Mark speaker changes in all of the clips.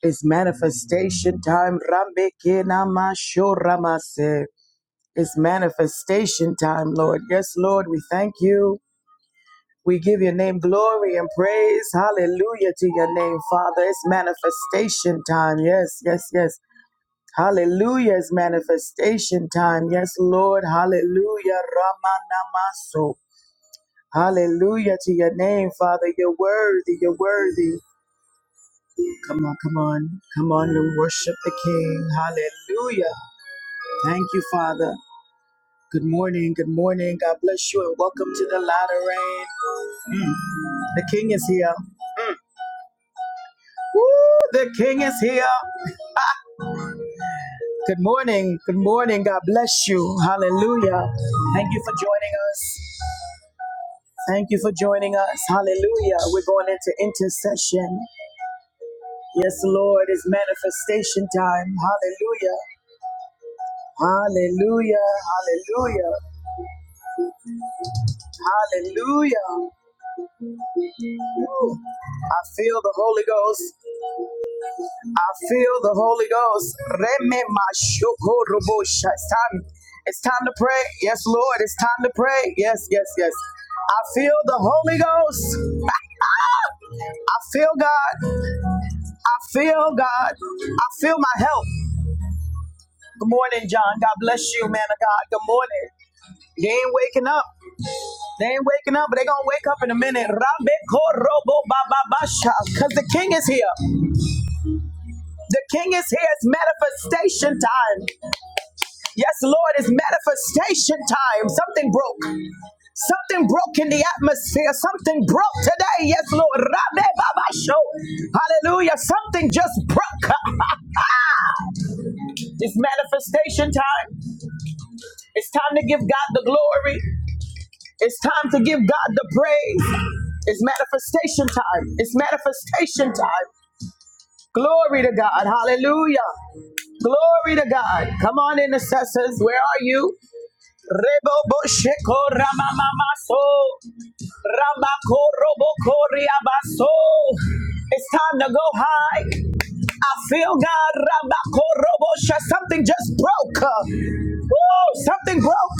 Speaker 1: It's manifestation time. Rambekena It's manifestation time, Lord. Yes, Lord, we thank you. We give your name glory and praise. Hallelujah to your name, Father. It's manifestation time. Yes, yes, yes. Hallelujah. It's manifestation time. Yes, Lord. Hallelujah. Ramanamaso. Hallelujah to your name, Father. You're worthy. You're worthy. Come on, come on, come on and worship the King. Hallelujah. Thank you, Father. Good morning, good morning. God bless you and welcome to the latter rain. The King is here. Woo, the King is here. Good morning, good morning. God bless you. Hallelujah. Thank you for joining us. Thank you for joining us. Hallelujah. We're going into intercession. Yes, Lord, it's manifestation time. Hallelujah. Hallelujah. Hallelujah. Hallelujah. I feel the Holy Ghost. I feel the Holy Ghost. Reme mashoko robo sha- It's time. It's time to pray. Yes, Lord. It's time to pray. Yes, yes, yes. I feel the Holy Ghost. I feel God. I feel God. I feel my help. Good morning, John. God bless you, man of God. Good morning. They ain't waking up. They ain't waking up, but they gonna wake up in a minute. Cause the king is here. The king is here. It's manifestation time. Yes, Lord, it's manifestation time. Something broke. Something broke in the atmosphere. Something broke today. Yes, Lord. Rabbe Baba Show. Hallelujah. Something just broke. it's manifestation time. It's time to give God the glory. It's time to give God the praise. It's manifestation time. It's manifestation time. Glory to God. Hallelujah. Glory to God. Come on, intercessors. Where are you? Rebobo sheko ramamamaso. Ramako roboko riabaso. It's time to go high. I feel God. Ramako robo Something just broke. Woo! Something broke.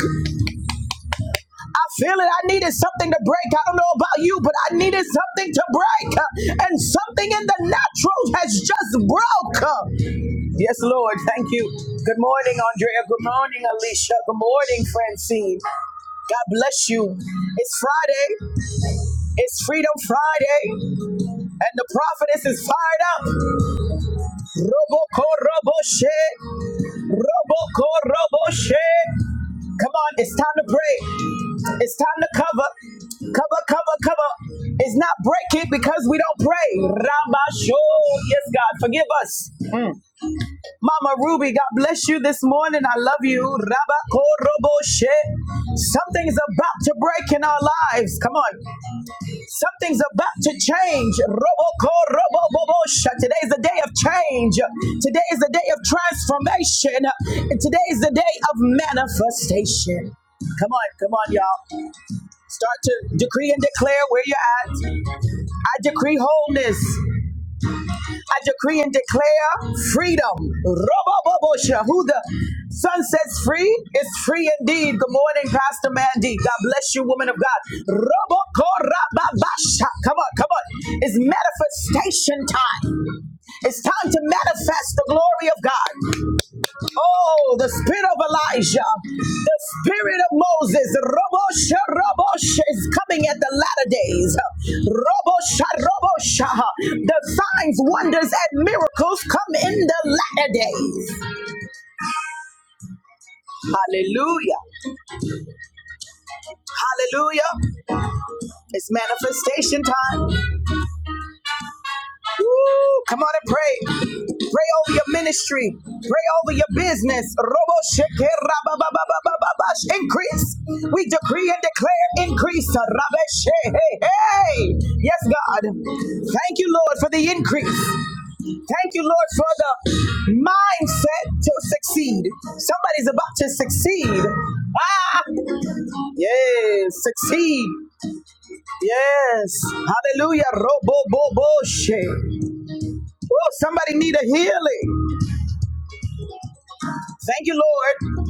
Speaker 1: I feel it. I needed something to break. I don't know about you, but I needed something to break. And something in the natural has just broke. Yes, Lord. Thank you. Good morning, Andrea. Good morning, Alicia. Good morning, Francine. God bless you. It's Friday. It's Freedom Friday. And the prophetess is fired up. Roboko Roboshe. Roboko Roboshe. Come on, it's time to pray. It's time to cover. Cover, cover, cover. It's not breaking because we don't pray. Rabasho. Yes, God, forgive us. Mama Ruby, God bless you this morning. I love you. Rabako Roboshe. Something's about to break in our lives. Come on. Something's about to change. Roboko, robobobosha. Today is the day of change. Today is the day of transformation. And today is the day of manifestation. Come on, come on, y'all. Start to decree and declare where you're at. I decree wholeness. I decree and declare freedom. Robobobosha, who the sun sets free is free indeed. Good morning, Pastor Mandy. God bless you, woman of God. Robokorababasha. Come on, come on. It's manifestation time. It's time to manifest the glory of God. Oh, the spirit of Elijah, the spirit of Moses, Robosha, Robosha is coming at the latter days. Robosha, Robosha, the signs, wonders, and miracles come in the latter days. Hallelujah, hallelujah. It's manifestation time. Woo! Come on and pray. Pray over your ministry. Pray over your business. Robo shekera ba ba ba ba ba ba ba Increase. We decree and declare increase. Rabbe she- Hey, hey. Yes, God. Thank you, Lord, for the increase. Thank you, Lord, for the mindset to succeed. Somebody's about to succeed. Ah, yes, succeed. Yes. Hallelujah. Robo bo bo she. Woo, somebody need a healing. Thank you, Lord.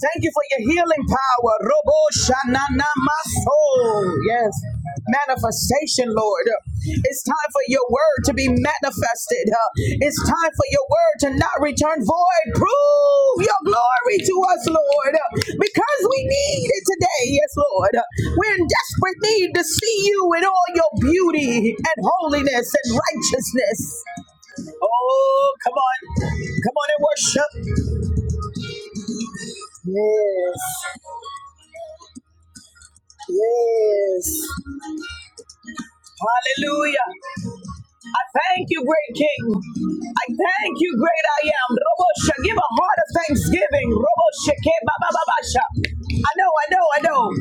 Speaker 1: Thank you for your healing power. Robo shanana maso. Yes. Manifestation, Lord. It's time for your word to be manifested. Uh, It's time for your word to not return void. Prove your glory to us, Lord, uh, because we need it today. Yes, Lord. Uh, We're in desperate need to see you in all your beauty and holiness and righteousness. Oh, come on. Come on and worship. Yes. Yes. Hallelujah. I thank you, great King. I thank you, great I am. Robosha, give a heart of thanksgiving. Robosha, ke- ba- ba- ba- ba- sha. I know, I know, I know.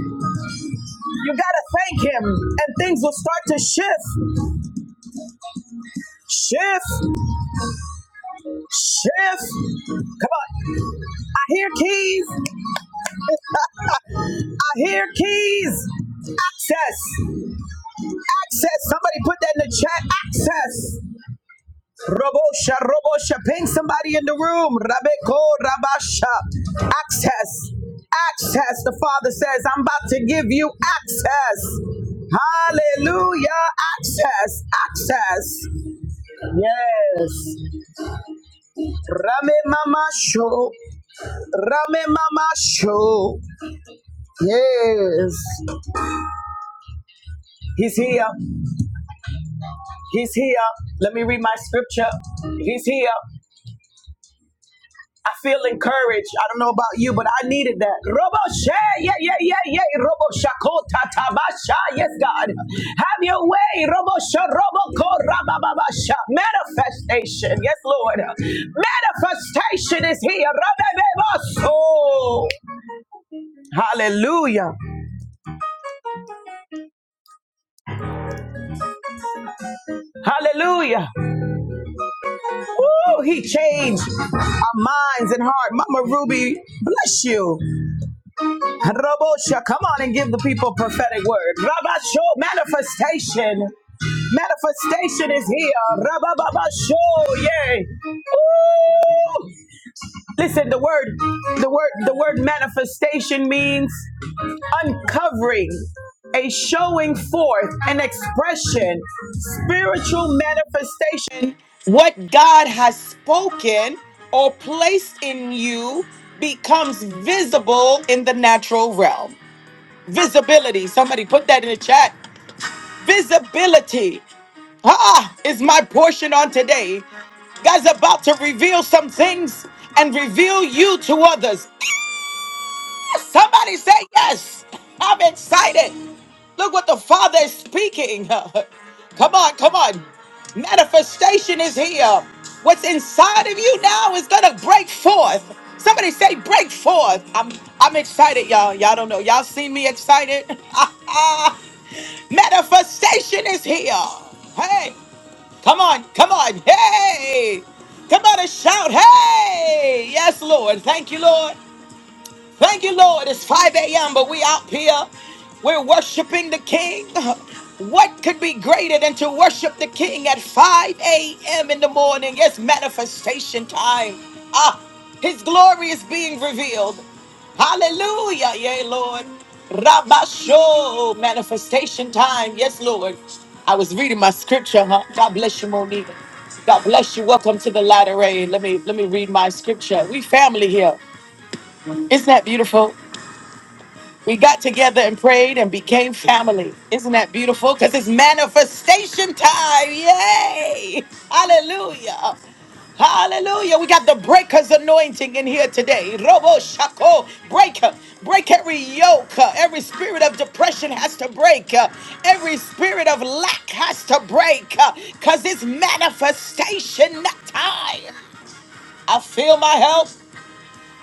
Speaker 1: You gotta thank him, and things will start to shift. Shift. Shift. Come on. I hear keys. I hear keys. Access. Access. Somebody put that in the chat. Access. Robosha, Robosha, ping somebody in the room. Rabeko, Rabasha, access, access. The Father says, I'm about to give you access. Hallelujah, access, access. Yes. Rame Mama Show, Rame Mama Show. Yes. He's here, He's here. Let me read my scripture. He's here. I feel encouraged. I don't know about you, but I needed that. Robo Shay, yeah, yeah, yeah, yeah. Robo shakota tabasha. Yes, God. Have your way. Robo robo korababasha. Manifestation. Yes, Lord. Manifestation is here. Rabbebebaso. Hallelujah. Hallelujah. Woo, he changed our minds and heart. Mama Ruby, bless you. Robosha, come on and give the people prophetic word. Rabasho, manifestation. Manifestation is here. Rabababasho, yay. Ooh. Listen, the word, the word, the word manifestation means uncovering, a showing forth, an expression, spiritual manifestation. What God has spoken or placed in you becomes visible in the natural realm. Visibility. Somebody put that in the chat. Visibility. Ah, is my portion on today. God's about to reveal some things and reveal you to others. Yes, somebody say yes. I'm excited. Look what the Father is speaking. come on, come on. Manifestation is here. What's inside of you now is gonna break forth. Somebody say break forth. I'm I'm excited, y'all. Y'all don't know. Y'all seen me excited? Manifestation is here. Hey, come on, come on. Hey! Come on and shout, hey! Yes, Lord. Thank you, Lord. Thank you, Lord. It's 5 a.m., but we out here. We're worshiping the King. What could be greater than to worship the King at 5 a.m. in the morning? It's manifestation time. Ah, His glory is being revealed. Hallelujah, yay, Lord. Rabasho, manifestation time. Yes, Lord. I was reading my scripture, huh? God bless you, Monique. God bless you. Welcome to the latter rain. Let me let me read my scripture. We family here. Isn't that beautiful? We got together and prayed and became family. Isn't that beautiful? Because it's manifestation time. Yay! Hallelujah. Hallelujah. We got the breaker's anointing in here today. Robo Shako, breaker. Break every yoke. Every spirit of depression has to break. Every spirit of lack has to break. Because it's manifestation time. I feel my help.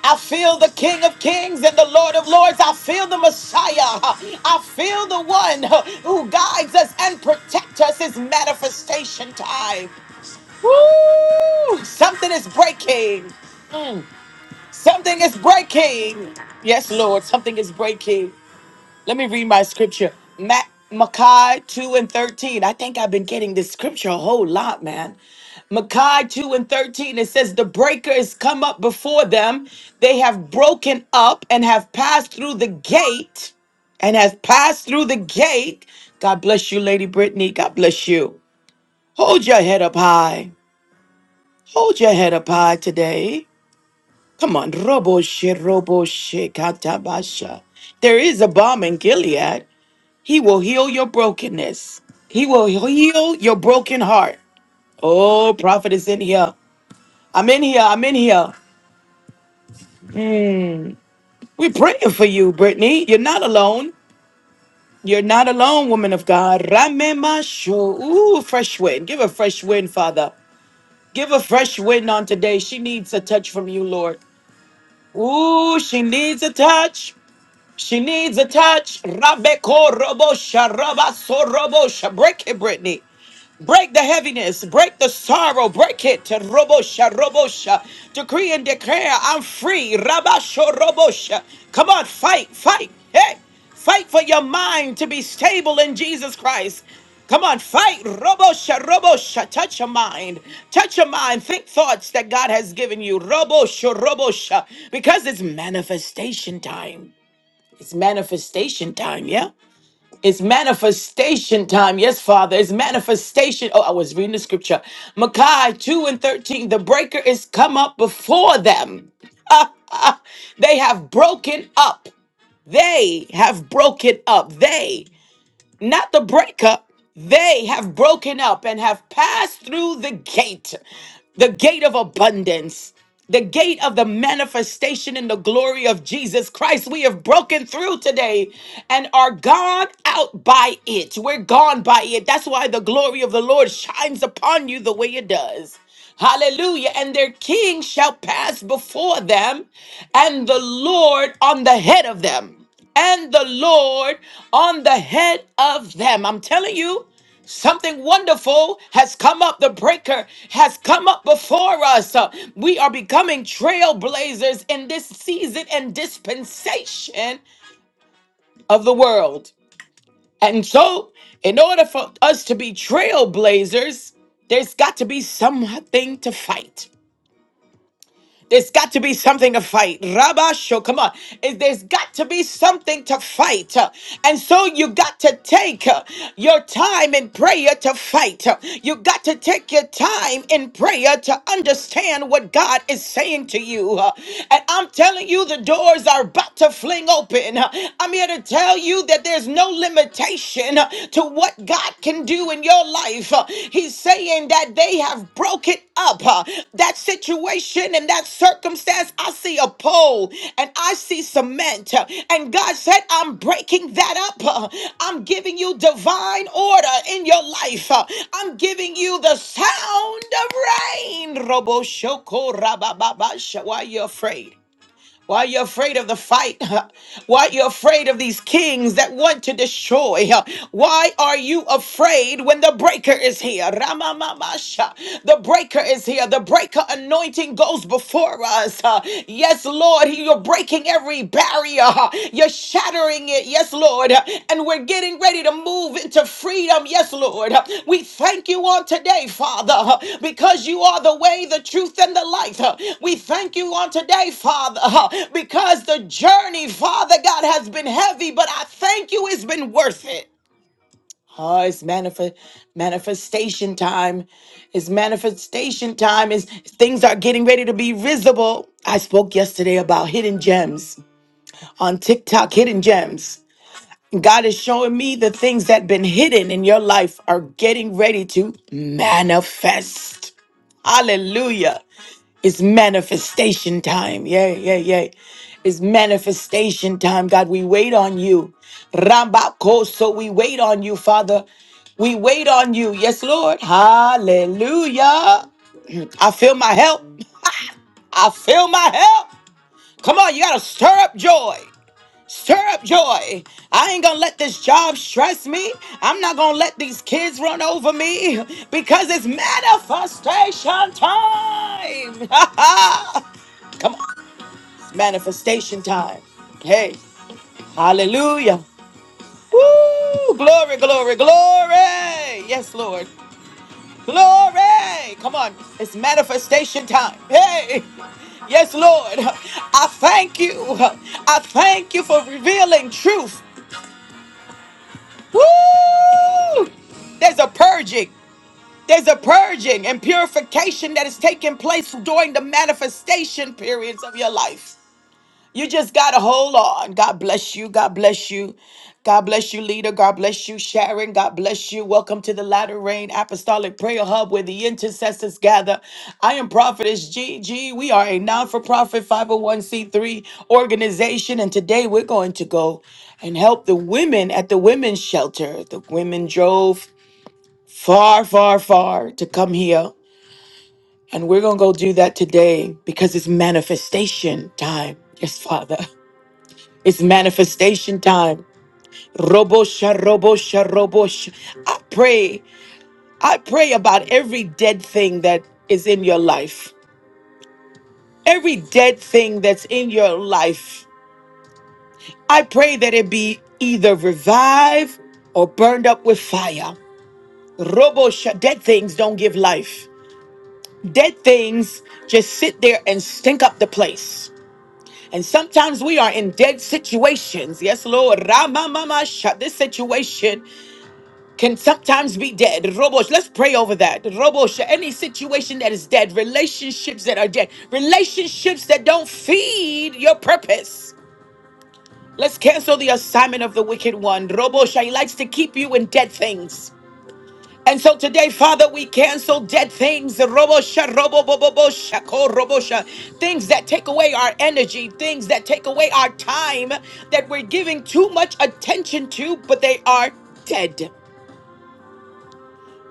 Speaker 1: I feel the King of Kings and the Lord of Lords. I feel the Messiah. I feel the one who guides us and protects us. It's manifestation time. Woo! Something is breaking. Something is breaking. Yes, Lord, something is breaking. Let me read my scripture. Ma- Malachi 2 and 13. I think I've been getting this scripture a whole lot, man. Malachi 2 and 13, it says, The breaker is come up before them. They have broken up and have passed through the gate and has passed through the gate. God bless you, Lady Brittany. God bless you. Hold your head up high. Hold your head up high today. Come on, robo she robo she katabasha. There is a bomb in Gilead. He will heal your brokenness. He will heal your broken heart. Oh, prophet is in here. I'm in here. I'm in here. We're praying for you, Brittany. You're not alone. You're not alone, woman of God. Ramema sho. Ooh, fresh wind. Give a fresh wind, Father. Give a fresh wind on today. She needs a touch from you, Lord. Ooh, she needs a touch. She needs a touch. Rabeko robosha, rabaso robosha. Break it, Brittany. Break the heaviness, break the sorrow, break it. Robosha, robosha. Decree and declare, I'm free. Rabasho, robosha. Come on, fight, fight. Hey, fight for your mind to be stable in Jesus Christ. Come on, fight. Robosha, robosha. Touch your mind. Touch your mind. Think thoughts that God has given you. Robosha, robosha. Because it's manifestation time. It's manifestation time, yeah? It's manifestation time. Yes, Father. It's manifestation. Oh, I was reading the scripture. Malachi 2 and 13. The breaker is come up before them. they have broken up. They have broken up. They, not the breaker, they have broken up and have passed through the gate the gate of abundance, the gate of the manifestation in the glory of Jesus Christ. We have broken through today and are gone out by it. We're gone by it. That's why the glory of the Lord shines upon you the way it does. Hallelujah. And their king shall pass before them, and the Lord on the head of them and the Lord on the head of them. I'm telling you, Something wonderful has come up. The breaker has come up before us. Uh, We are becoming trailblazers in this season and dispensation of the world. And so, in order for us to be trailblazers, there's got to be something to fight. There's got to be something to fight. Rabasho, come on. It- There's got to be something to fight. And so you got to take uh, your time in prayer to fight. You got to take your time in prayer to understand what God is saying to you. And I'm telling you, the doors are about to fling open. I'm here to tell you that there's no limitation to what what God can do in your life. Uh, He's saying that they have broken up uh, that situation and that circumstance. I see a pole and I see cement, uh, and God said, I'm breaking that up. uh, I'm giving you divine order in your life. uh, I'm giving you the sound of rain. Robo shoko rabababa. Why are you afraid? Why are you afraid of the fight? Why are you afraid of these kings that want to destroy? Why are you afraid when the breaker is here? Ramamamasha. The breaker is here. The breaker anointing goes before us. Yes, Lord, you're breaking every barrier. You're Shattering it, yes, Lord. And we're getting ready to move into freedom, yes, Lord. We thank you on today, Father, because you are the way, the truth, and the life. We thank you on today, Father, because the journey, Father God, has been heavy, but I thank you it's been worth it. Oh, it's manifest manifestation time. It's manifestation time. Is things are getting ready to be visible. I spoke yesterday about hidden gems on TikTok, hidden gems. God is showing me the things that been hidden in your life are getting ready to manifest. Hallelujah. It's manifestation time. Yay, yay, yay. It's manifestation time. God, we wait on you. Rambako, so we wait on you, Father. We wait on you. Yes, Lord. Hallelujah. I feel my help. I feel my help. Come on, you got to stir up joy. Stir up joy. I ain't gonna let this job stress me. I'm not gonna let these kids run over me because it's manifestation time. Come on, manifestation time. Hey, hallelujah. Woo! Glory, glory, glory. Yes, Lord. Glory. Come on, it's manifestation time. Hey. Yes, Lord. I thank you. I thank you for revealing truth. Woo! There's a purging. There's a purging and purification that is taking place during the manifestation periods of your life. You just got to hold on. God bless you. God bless you. God bless you, leader. God bless you, Sharon. God bless you. Welcome to the Latter Rain Apostolic Prayer Hub where the intercessors gather. I am Prophetess G G. We are a non for profit 501c3 organization, and today we're going to go and help the women at the women's shelter. The women drove far, far, far to come here, and we're going to go do that today because it's manifestation time. Yes, Father. It's manifestation time. Robosha, robosha, robosha. I pray. I pray about every dead thing that is in your life. Every dead thing that's in your life. I pray that it be either revived or burned up with fire. Robosha, dead things don't give life. Dead things just sit there and stink up the place. And sometimes we are in dead situations. Yes, Lord. Rama mama sha. This situation can sometimes be dead. Robos, let's pray over that. Robos, any situation that is dead, relationships that are dead, relationships that don't feed your purpose. Let's cancel the assignment of the wicked one. Robosha, he likes to keep you in dead things. And so today, Father, we cancel dead things. Robosha, robo, bo, bo, bo, sha, ko, robosha. Things that take away our energy, things that take away our time that we're giving too much attention to, but they are dead.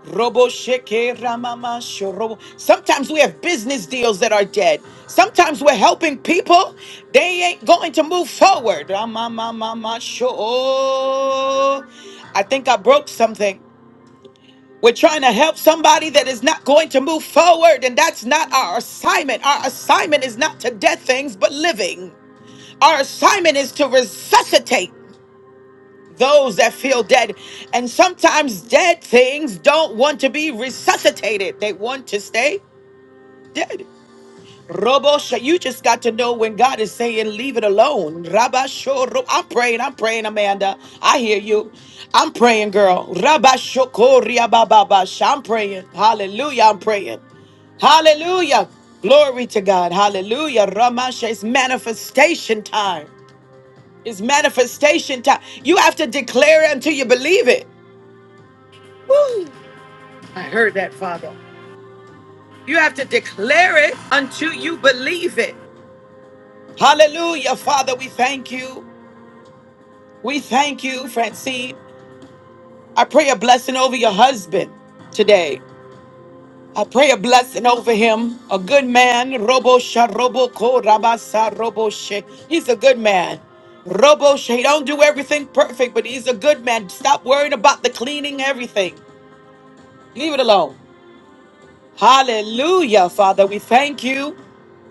Speaker 1: Robo sheke ramama shorobo. Sometimes we have business deals that are dead. Sometimes we're helping people. They ain't going to move forward. Ramamamama sho- I think I broke something. We're trying to help somebody that is not going to move forward, and that's not our assignment. Our assignment is not to dead things, but living. Our assignment is to resuscitate those that feel dead. And sometimes dead things don't want to be resuscitated, they want to stay dead. Robosha, you just got to know when God is saying, leave it alone. Rabasho, ro- I'm praying, I'm praying, Amanda. I hear you. I'm praying, girl. Rabasho, koria, ba, ba, I'm praying. Hallelujah, I'm praying. Hallelujah. Glory to God. Hallelujah. Ramasha, it's manifestation time. It's manifestation time. You have to declare it until you believe it. Woo! I heard that, Father. You have to declare it until you believe it. Hallelujah, Father. We thank you. We thank you, Francine. I pray a blessing over your husband today. I pray a blessing over him. A good man. Robo sha robo ko rabasa robo she. He's a good man. Robo she. He don't do everything perfect, but he's a good man. Stop worrying about the cleaning everything. Leave it alone. Hallelujah, Father. We thank you.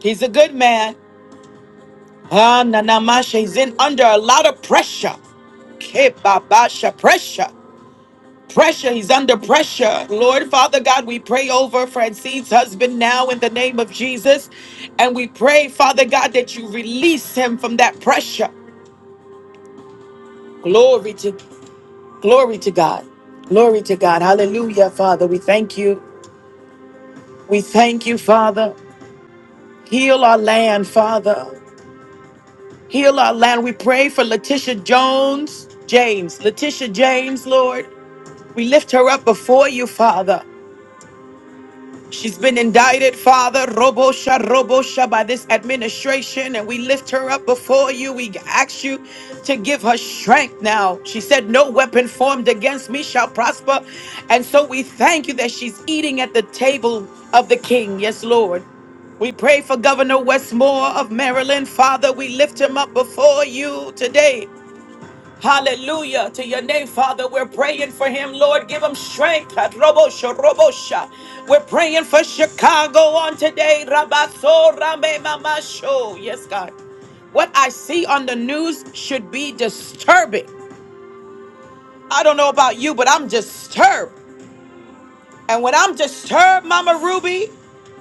Speaker 1: He's a good man. Ah, Nanamasha, he's in under a lot of pressure. Kebabasha, pressure. Pressure, he's under pressure. Lord Father God, we pray over Francine's husband now in the name of Jesus. And we pray, Father God, that you release him from that pressure. Glory to glory to God. Glory to God. Hallelujah, Father. We thank you. We thank you, Father. Heal our land, Father. Heal our land. We pray for Letitia Jones, James, Letitia James, Lord. We lift her up before you, Father. She's been indicted, Father, Robo-sha, Robo-sha, by this administration, and we lift her up before you. We ask you to give her strength now. She said, No weapon formed against me shall prosper. And so we thank you that she's eating at the table of the King. Yes, Lord. We pray for Governor Westmore of Maryland. Father, we lift him up before you today. Hallelujah to your name, Father. We're praying for him, Lord. Give him strength. Robosha, robosha. We're praying for Chicago on today. Rabaso, rame, mamasho. Yes, God. What I see on the news should be disturbing. I don't know about you, but I'm disturbed. And when I'm disturbed, Mama Ruby,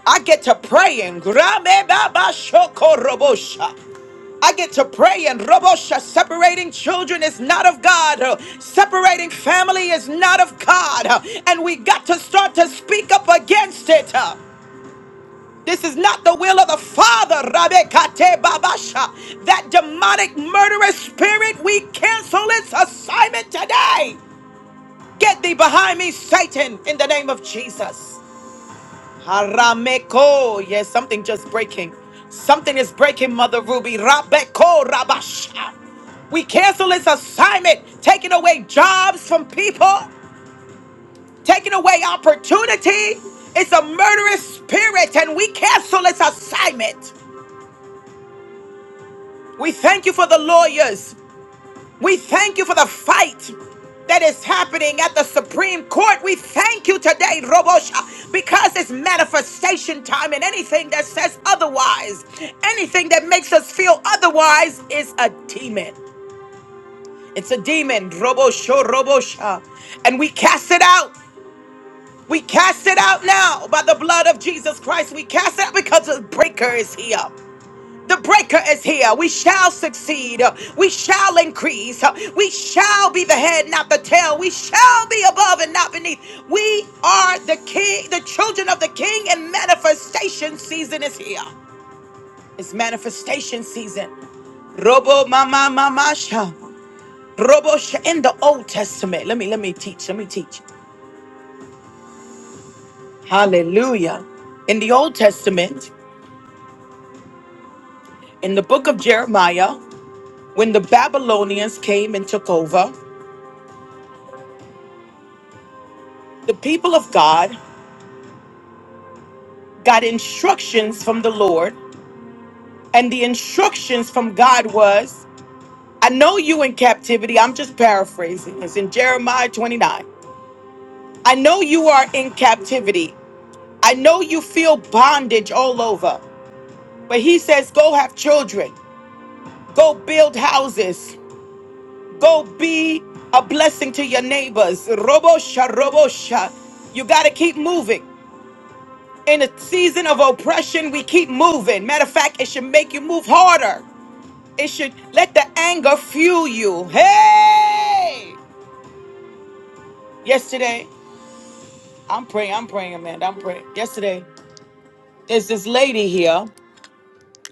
Speaker 1: I get to praying. Grame, baba, shoko, robosha. I get to pray and Robosha, separating children is not of God. Uh, Separating family is not of God. Uh, And we got to start to speak up against it. Uh, This is not the will of the Father, Rabbe Kate Babasha. That demonic murderous spirit, we cancel its assignment today. Get thee behind me, Satan, in the name of Jesus. Harameko. Yes, something just breaking. Something is breaking, Mother Ruby. Rabeko Rabash. We cancel this assignment, taking away jobs from people, taking away opportunity. It's a murderous spirit, and we cancel this assignment. We thank you for the lawyers. We thank you for the fight that is happening at the Supreme Court. We thank you today, Robosha, because it's manifestation time, and anything that says otherwise, anything that makes us feel otherwise, is a demon. It's a demon, Robosho, Robosha. And we cast it out. We cast it out now by the blood of Jesus Christ. We cast it out because the breaker is here. The breaker is here. We shall succeed. We shall increase. We shall be the head, not the tail. We shall be above and not beneath. We are the king, the children of the king, and manifestation season is here. It's manifestation season. Robo mama mamasha. Robo sh- in the Old Testament. Let me let me teach. Let me teach. Hallelujah. In the Old Testament. In the book of Jeremiah, when the Babylonians came and took over, the people of God got instructions from the Lord. And the instructions from God was, I know you in captivity. I'm just paraphrasing. It's in Jeremiah 29. I know you are in captivity. I know you feel bondage all over. But he says, go have children, go build houses, go be a blessing to your neighbors. Robosha, robosha. You got to keep moving. In a season of oppression, we keep moving. Matter of fact, it should make you move harder. It should let the anger fuel you. Hey! Yesterday, I'm praying, I'm praying, Amanda, I'm praying. Yesterday, there's this lady here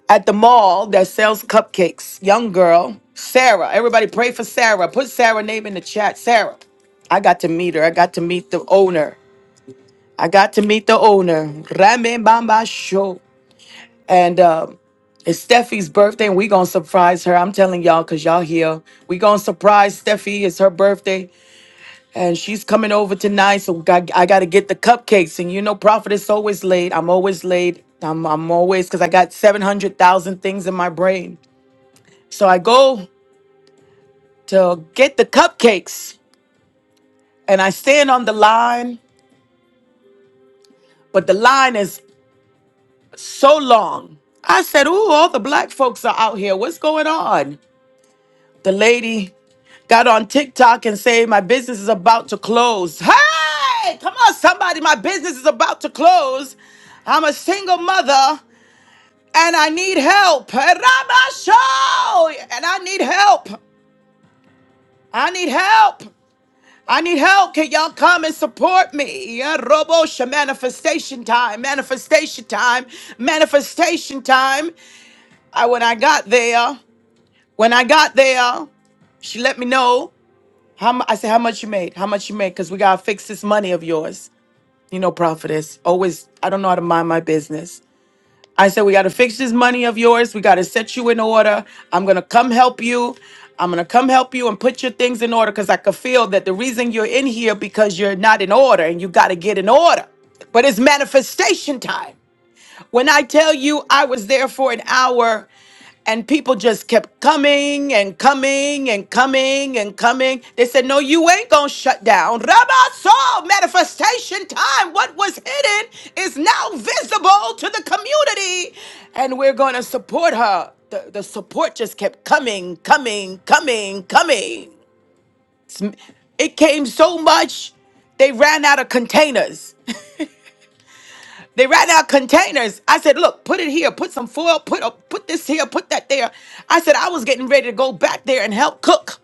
Speaker 1: at the mall that sells cupcakes. Young girl, Sarah. Everybody pray for Sarah. Put Sarah's name in the chat. Sarah. I got to meet her. I got to meet the owner. I got to meet the owner. Rame Bamba And um, it's Steffi's birthday, and we gonna surprise her. I'm telling y'all, cause y'all here. We gonna surprise Steffi. It's her birthday, and she's coming over tonight. So we got, I gotta get the cupcakes, and you know, Prophet is always late. I'm always late. I'm, I'm always cause I got seven hundred thousand things in my brain. So I go to get the cupcakes, and I stand on the line, but the line is so long. I said, "Ooh, all the black folks are out here. What's going on?" The lady got on TikTok and say my business is about to close. Hey, come on, somebody, my business is about to close. I'm a single mother and I need help. And I'm Ramasho! And I need help. I need help. I need help. Can y'all come and support me? Yeah, Robosha, manifestation time, manifestation time, manifestation time. I, when I got there, when I got there, she let me know. How mu- I said, how much you made? How much you made? Because we gotta fix this money of yours. You know, prophetess. Always, I don't know how to mind my business. I said, we gotta fix this money of yours. We gotta set you in order. I'm gonna come help you. I'm gonna come help you and put your things in order because I could feel that the reason you're in here because you're not in order and you gotta get in order. But it's manifestation time. When I tell you I was there for an hour and people just kept coming and coming and coming and coming, they said, No, you ain't gonna shut down. Rabbi Saul, manifestation time. What was hidden is now visible to the community, and we're gonna support her. The, the support just kept coming, coming, coming, coming. It came so much, they ran out of containers. They ran out containers. I said, look, put it here, put some foil, put up, put this here, put that there. I said, I was getting ready to go back there and help cook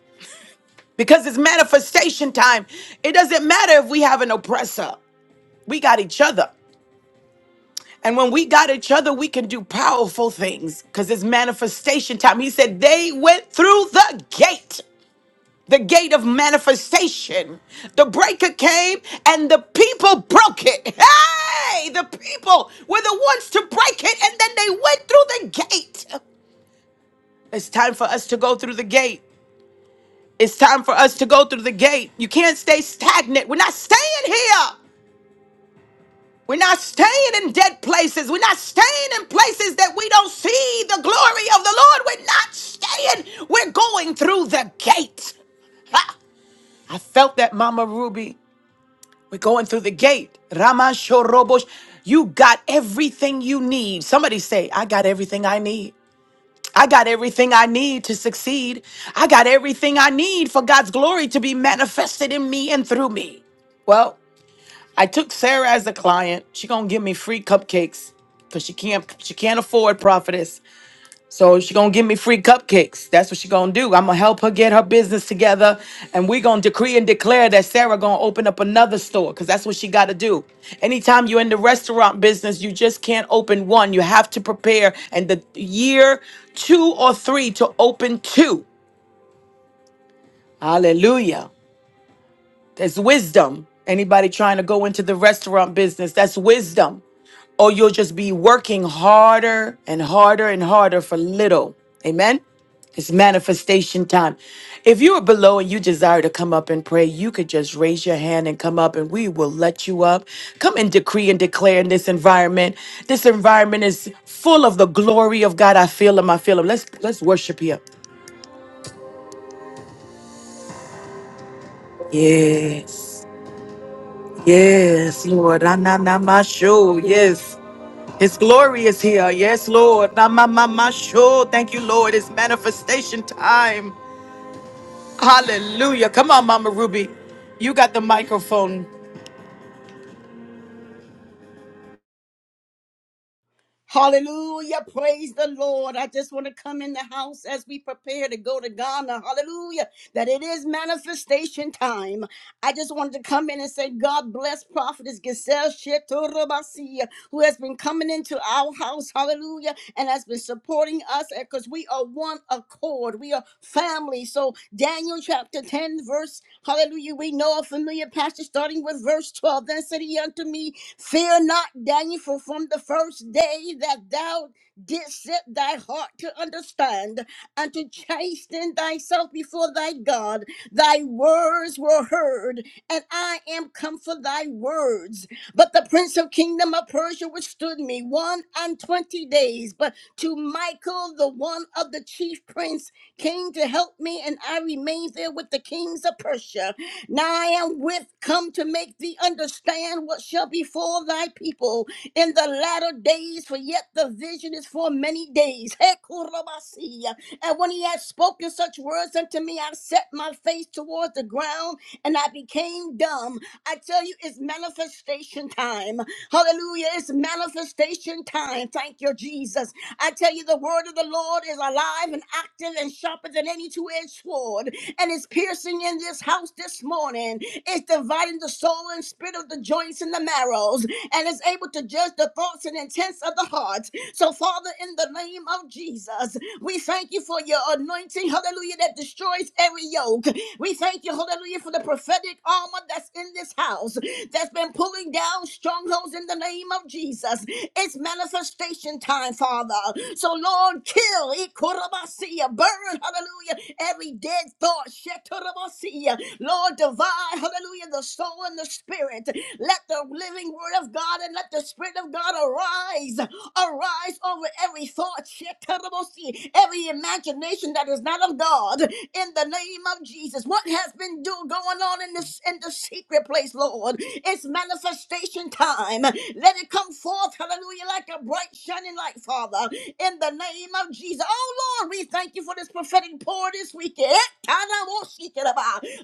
Speaker 1: because it's manifestation time. It doesn't matter if we have an oppressor. We got each other. And when we got each other, we can do powerful things because it's manifestation time. He said, they went through the gate the gate of manifestation. The breaker came and the people broke it. Hey, the people were the ones to break it and then they went through the gate. It's time for us to go through the gate. It's time for us to go through the gate. You can't stay stagnant. We're not staying here. We're not staying in dead places. We're not staying in places that we don't see the glory of the Lord. We're not staying. We're going through the gate. I felt that, Mama Ruby. We're going through the gate. Ramashorobosh. You got everything you need. Somebody say, I got everything I need. I got everything I need to succeed. I got everything I need for God's glory to be manifested in me and through me. Well, I took Sarah as a client. She gonna give me free cupcakes because she can't she can't afford prophetess. So she gonna give me free cupcakes. That's what she gonna do. I'm gonna help her get her business together, and we gonna decree and declare that Sarah gonna open up another store, cause that's what she gotta do. Anytime you're in the restaurant business, you just can't open one. You have to prepare, and the year two or three to open two. Hallelujah. That's wisdom. Anybody trying to go into the restaurant business, that's wisdom. Or you'll just be working harder and harder and harder for little. Amen. It's manifestation time. If you are below and you desire to come up and pray, you could just raise your hand and come up and we will let you up. Come and decree and declare in this environment. This environment is full of the glory of God. I feel him. I feel him. Let's let's worship here. Yes. Yes, Lord. Ananamashu. Yes. His glory is here. Yes, Lord. Na, ma, ma, ma, sure. Thank you, Lord. It's manifestation time. Hallelujah. Come on, Mama Ruby. You got the microphone.
Speaker 2: Hallelujah. Praise the Lord. I just want to come in the house as we prepare to go to Ghana. Hallelujah. That it is manifestation time. I just wanted to come in and say, God bless Prophetess Giselle Shetorobasi, who has been coming into our house. Hallelujah. And has been supporting us because we are one accord. We are family. So, Daniel chapter 10, verse, hallelujah. We know a familiar passage starting with verse 12. Then said he unto me, Fear not, Daniel, for from the first day that thou didst set thy heart to understand and to chasten thyself before thy God, thy words were heard, and I am come for thy words. But the prince of kingdom of Persia withstood me one and twenty days. But to Michael, the one of the chief prince, came to help me, and I remained there with the kings of Persia. Now I am with come to make thee understand what shall befall thy people in the latter days, for yet the vision is for many days. Hekurabasi. And when he had spoken such words unto me, I set my face towards the ground and I became dumb. I tell you, it's manifestation time. Hallelujah. It's manifestation time. Thank you, Jesus. I tell you, the word of the Lord is alive and active and sharper than any two edged sword, and it's piercing in this house this morning. It's dividing the soul and spirit of the joints and the marrows, and is able to judge the thoughts and intents of the heart. So, Father, in the name of Jesus, we thank you for your anointing, hallelujah, that destroys every yoke. We thank you, hallelujah, for the prophetic armor that's in this house that's been pulling down strongholds in the name of Jesus. It's manifestation time, Father. So, Lord, kill, Ikorabasiya, burn, hallelujah, every dead thought, Shetorabasiya. Lord, divide, hallelujah, the soul and the spirit. Let the living word of God and let the spirit of God arise, arise over every thought, Shetorabasiya, every imagination that is not of God, in the name of Jesus. Jesus, what has been do- going on in this in the secret place, Lord? It's manifestation time. Let it come forth, hallelujah, like a bright shining light, Father, in the name of Jesus. Oh Lord, we thank you for this prophetic pour this weekend.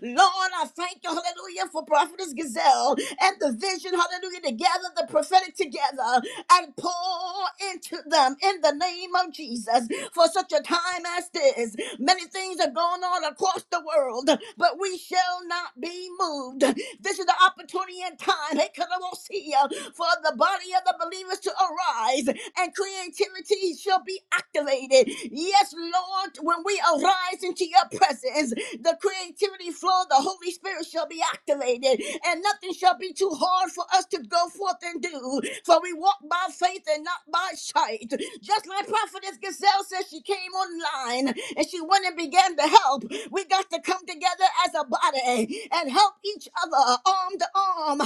Speaker 2: Lord, I thank you, hallelujah, for Prophetess Gazelle and the vision, hallelujah, to gather the prophetic together and pour into them in the name of Jesus for such a time same as this. Many things are going on across the world, but we shall not be moved. This is the opportunity and time hey, Karamosia, for the body of the believers to arise and creativity shall be activated. Yes, Lord, when we arise into your presence, the creativity flow, of the Holy Spirit shall be activated, and nothing shall be too hard for us to go forth and do. For we walk by faith and not by sight right. Just like Prophetess Gazelle says, she came online and she went and began to help. We got to come together as a body and help each other, arm to arm,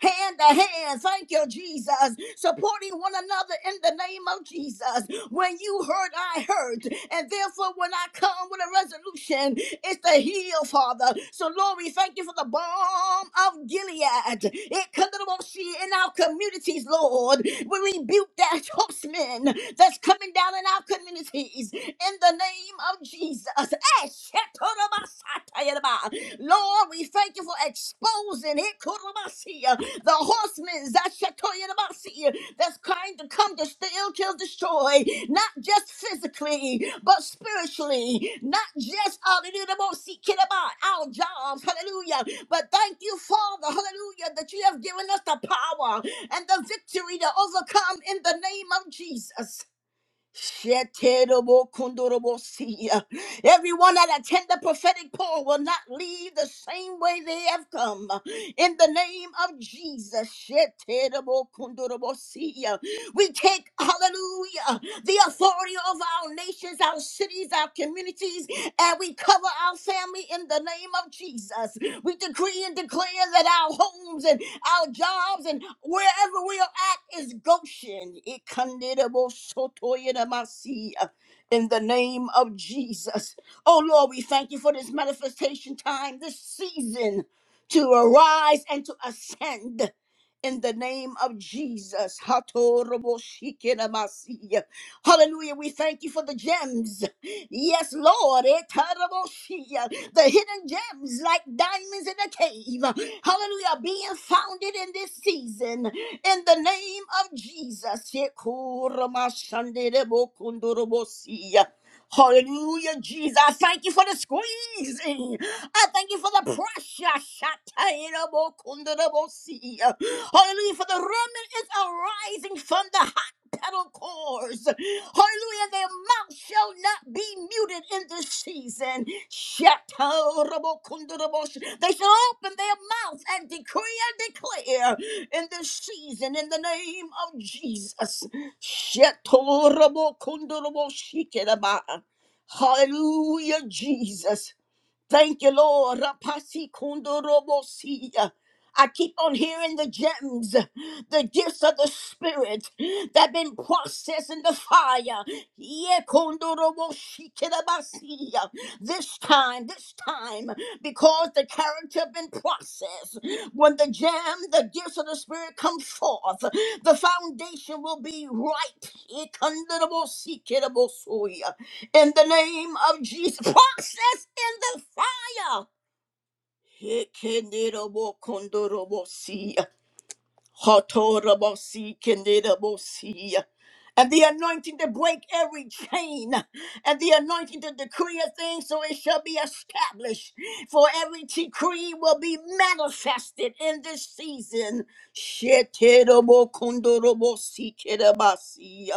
Speaker 2: hand to hand. Thank you, Jesus. Supporting one another in the name of Jesus. When you hurt, I hurt. And therefore, when I come with a resolution, it's to heal, Father. So, Lord, we thank you for the balm of Gilead in our communities, Lord. We rebuke that horseman that's coming down in our communities in the name of Jesus. Lord, we thank you for exposing it, the horsemen that's trying to come to steal, kill, destroy, not just physically, but spiritually, not just hallelujah, the most our jobs, hallelujah, but thank you, Father, hallelujah, that you have given us the power and the victory to overcome in the name of Jesus. Sheterobokundorobosia. Everyone that attend the prophetic call will not leave the same way they have come. In the name of Jesus, Sheterobokundorobosia. we take, hallelujah, the authority over our nations, our cities, our communities, and we cover our family in the name of Jesus. We decree and declare that our homes and our jobs and wherever we are at is Goshen. Ikanderebo sotoyedamasi, uh, In the name of Jesus. Oh Lord, we thank you for this manifestation time, this season to arise and to ascend. In the name of Jesus. Hatoroboshikenamasi. Hallelujah. We thank you for the gems. Yes, Lord. Etarabosia. The hidden gems like diamonds in a cave. Hallelujah. Are Being founded in this season. In the name of Jesus. Ekoramashanderebokundurobosia. Hallelujah, Jesus. I thank you for the squeezing. I thank you for the pressure. Shatairobokundurobosia. Hallelujah, for the remnant is arising from the pedal cords. Hallelujah. Their mouth shall not be muted in this season. Shatarabokundarabosh. They shall open their mouth and decree and declare in this season in the name of Jesus. Shatarabokundaraboshikiraba. Hallelujah, Jesus. Thank you, Lord. Rapasi kundorobosia. I keep on hearing the gems, the gifts of the Spirit that been processed in the fire. Yekondoroboshikidabasiya. This time, this time, because the character been processed. When the gem, the gifts of the Spirit come forth, the foundation will be right. Yekondoroboshikidabasuya. In the name of Jesus, process in the fire. Hekenderabo kondorobosia. Hotorobosi kenderebosia. And the anointing to break every chain, and the anointing to decree a thing so it shall be established. For every decree will be manifested in this season. Sheterobokondorobosi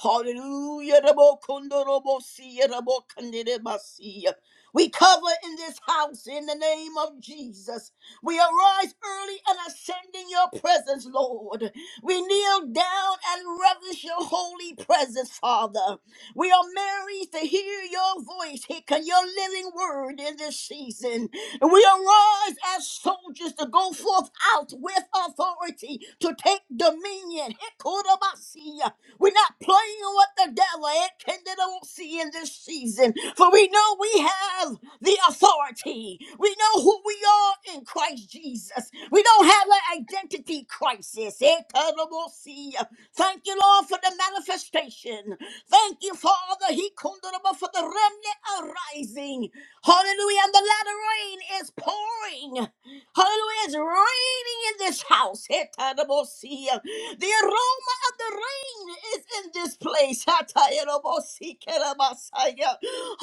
Speaker 2: Hallelujah. Rabo kondo robo siya, rabo kandere basiya. We cover in this house in the name of Jesus. We arise early and ascend in your presence, Lord. We kneel down and reverence your holy presence, Father. We are merry to hear your voice, Hick, and your living word in this season. And we arise as soldiers to go forth out with authority to take dominion. Hikodabasia. We're not playing with the devil and don't see in this season, for we know we have the authority. We know who we are in Christ Jesus. We don't have an identity crisis. Eh, candidacy. Thank you, Lord, for the manifestation. Thank you, Father, He kundalaba, for the remnant arising. Hallelujah. And the latter rain is pouring. Hallelujah. It's raining in this house. Eh, candidacy. The aroma of the rain is in this place.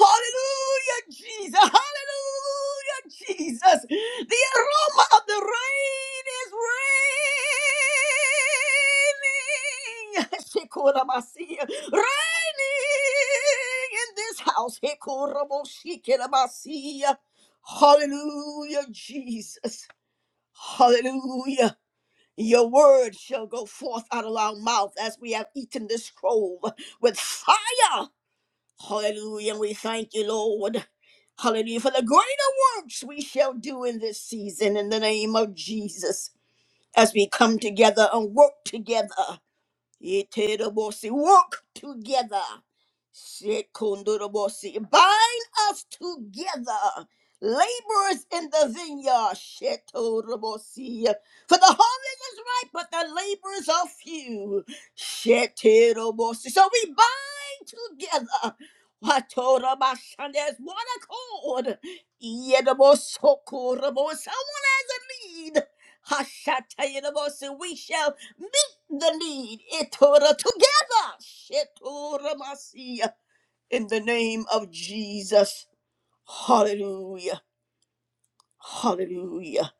Speaker 2: Hallelujah, Jesus. Hallelujah, Jesus. The aroma of the rain is raining. Raining in this house. Hallelujah, Jesus. Hallelujah. Your word shall go forth out of our mouth as we have eaten this scroll with fire. Hallelujah. And we thank you, Lord. Hallelujah. For the greater works we shall do in this season in the name of Jesus as we come together and work together. Iterobossi, Walk together. Shekundurobossi, Bind us together. Laborers in the vineyard. Shetorobosi. For the harvest is ripe, but the laborers are few. Shetorobosi. So we bind together. Watorobashande, As one accord. Yedobosokorobosai need. Hashatayinabosu, We shall meet the need. Itora together. Shetora Masia, In the name of Jesus. Hallelujah. Hallelujah.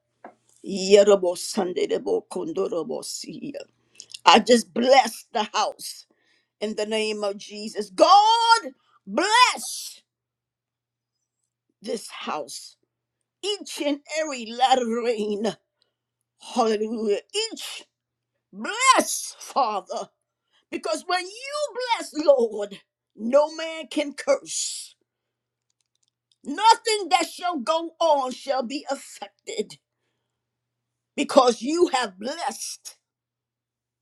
Speaker 2: Yerobo Sunday, Yerobosandedebokondorobosi. I just bless the house in the name of Jesus. God bless this house. Each and every latter rain. Hallelujah. Each bless, Father. Because when you bless, Lord, no man can curse. Nothing that shall go on shall be affected because you have blessed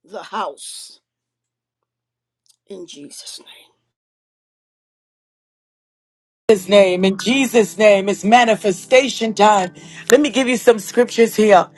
Speaker 2: the house in Jesus' name.
Speaker 1: His name, in Jesus' name, it's manifestation time. Let me give you some scriptures here.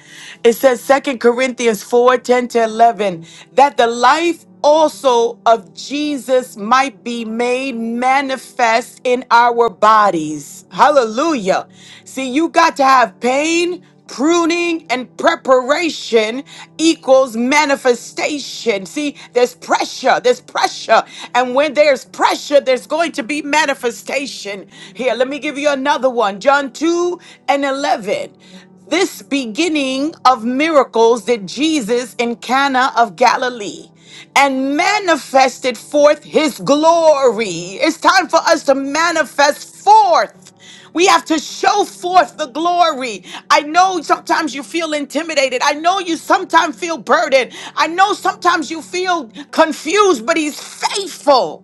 Speaker 1: It says Second Corinthians 4, 10 to 11, that the life also of Jesus might be made manifest in our bodies. Hallelujah. See, you got to have pain Pruning and preparation equals manifestation. See, there's pressure, there's pressure. And when there's pressure, there's going to be manifestation. Here, let me give you another one John 2 and 11 this beginning of miracles did Jesus in Cana of Galilee and manifested forth his glory. It's time for us to manifest forth. We have to show forth the glory. I know sometimes you feel intimidated. I know you sometimes feel burdened. I know sometimes you feel confused, but he's faithful.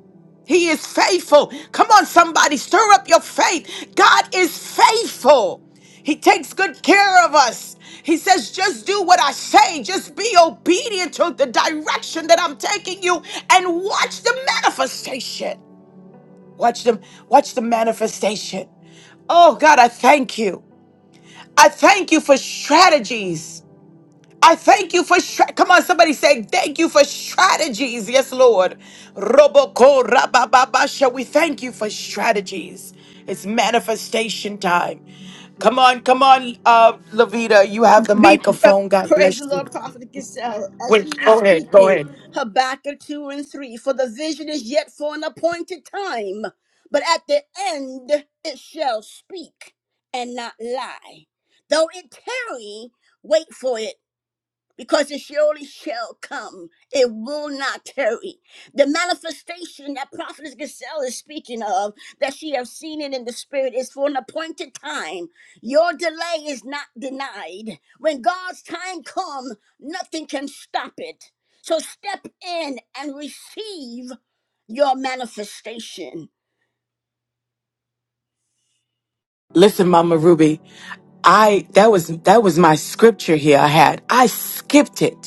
Speaker 1: He is faithful. Come on, somebody, stir up your faith. God is faithful. He takes good care of us. He says, just do what I say. Just be obedient to the direction that I'm taking you and watch the manifestation. Watch them, watch the manifestation. Oh God, I thank you. I thank you for strategies I thank you for stra- come on, somebody say thank you for strategies. Yes, Lord. Roboko rabababasha. We thank you for strategies. It's manifestation time. Come on, come on, uh, Lavita. You have the
Speaker 2: Be
Speaker 1: microphone. God
Speaker 2: praise
Speaker 1: bless
Speaker 2: the
Speaker 1: you.
Speaker 2: Lord, Prophet Giselle, as you were speaking, Habakkuk 2 and 3. For the vision is yet for an appointed time, but at the end it shall speak and not lie. Though it tarry, wait for it because it surely shall come. It will not tarry. The manifestation that Prophetess Gazelle is speaking of, that she has seen it in the spirit, is for an appointed time. Your delay is not denied. When God's time comes, nothing can stop it. So step in and receive your manifestation.
Speaker 1: Listen, Mama Ruby. I that was that was my scripture here I had. I skipped it.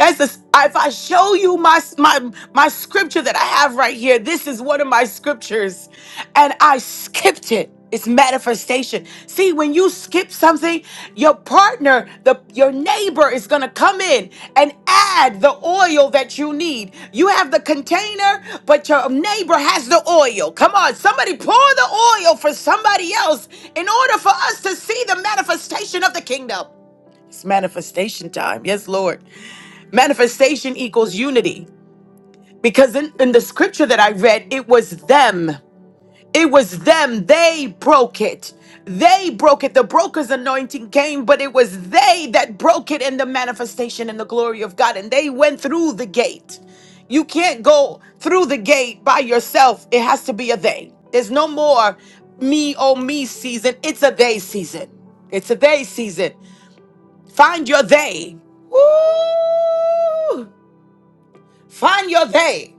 Speaker 1: That's the, if I show you my, my my scripture that I have right here, this is one of my scriptures, and I skipped it. It's manifestation. See, when you skip something, your partner, the your neighbor is gonna come in and add the oil that you need. You have the container, but your neighbor has the oil. Come on, somebody pour the oil for somebody else in order for us to see the manifestation of the kingdom. It's manifestation time. Yes, Lord. Manifestation equals unity. Because in, in the scripture that I read, it was them. It was them. They broke it. They broke it. The broker's anointing came, but it was they that broke it in the manifestation and the glory of God. And they went through the gate. You can't go through the gate by yourself. It has to be a they. There's no more me, oh, me season. It's a they season. It's a they season. Find your they. Woo! Find your they.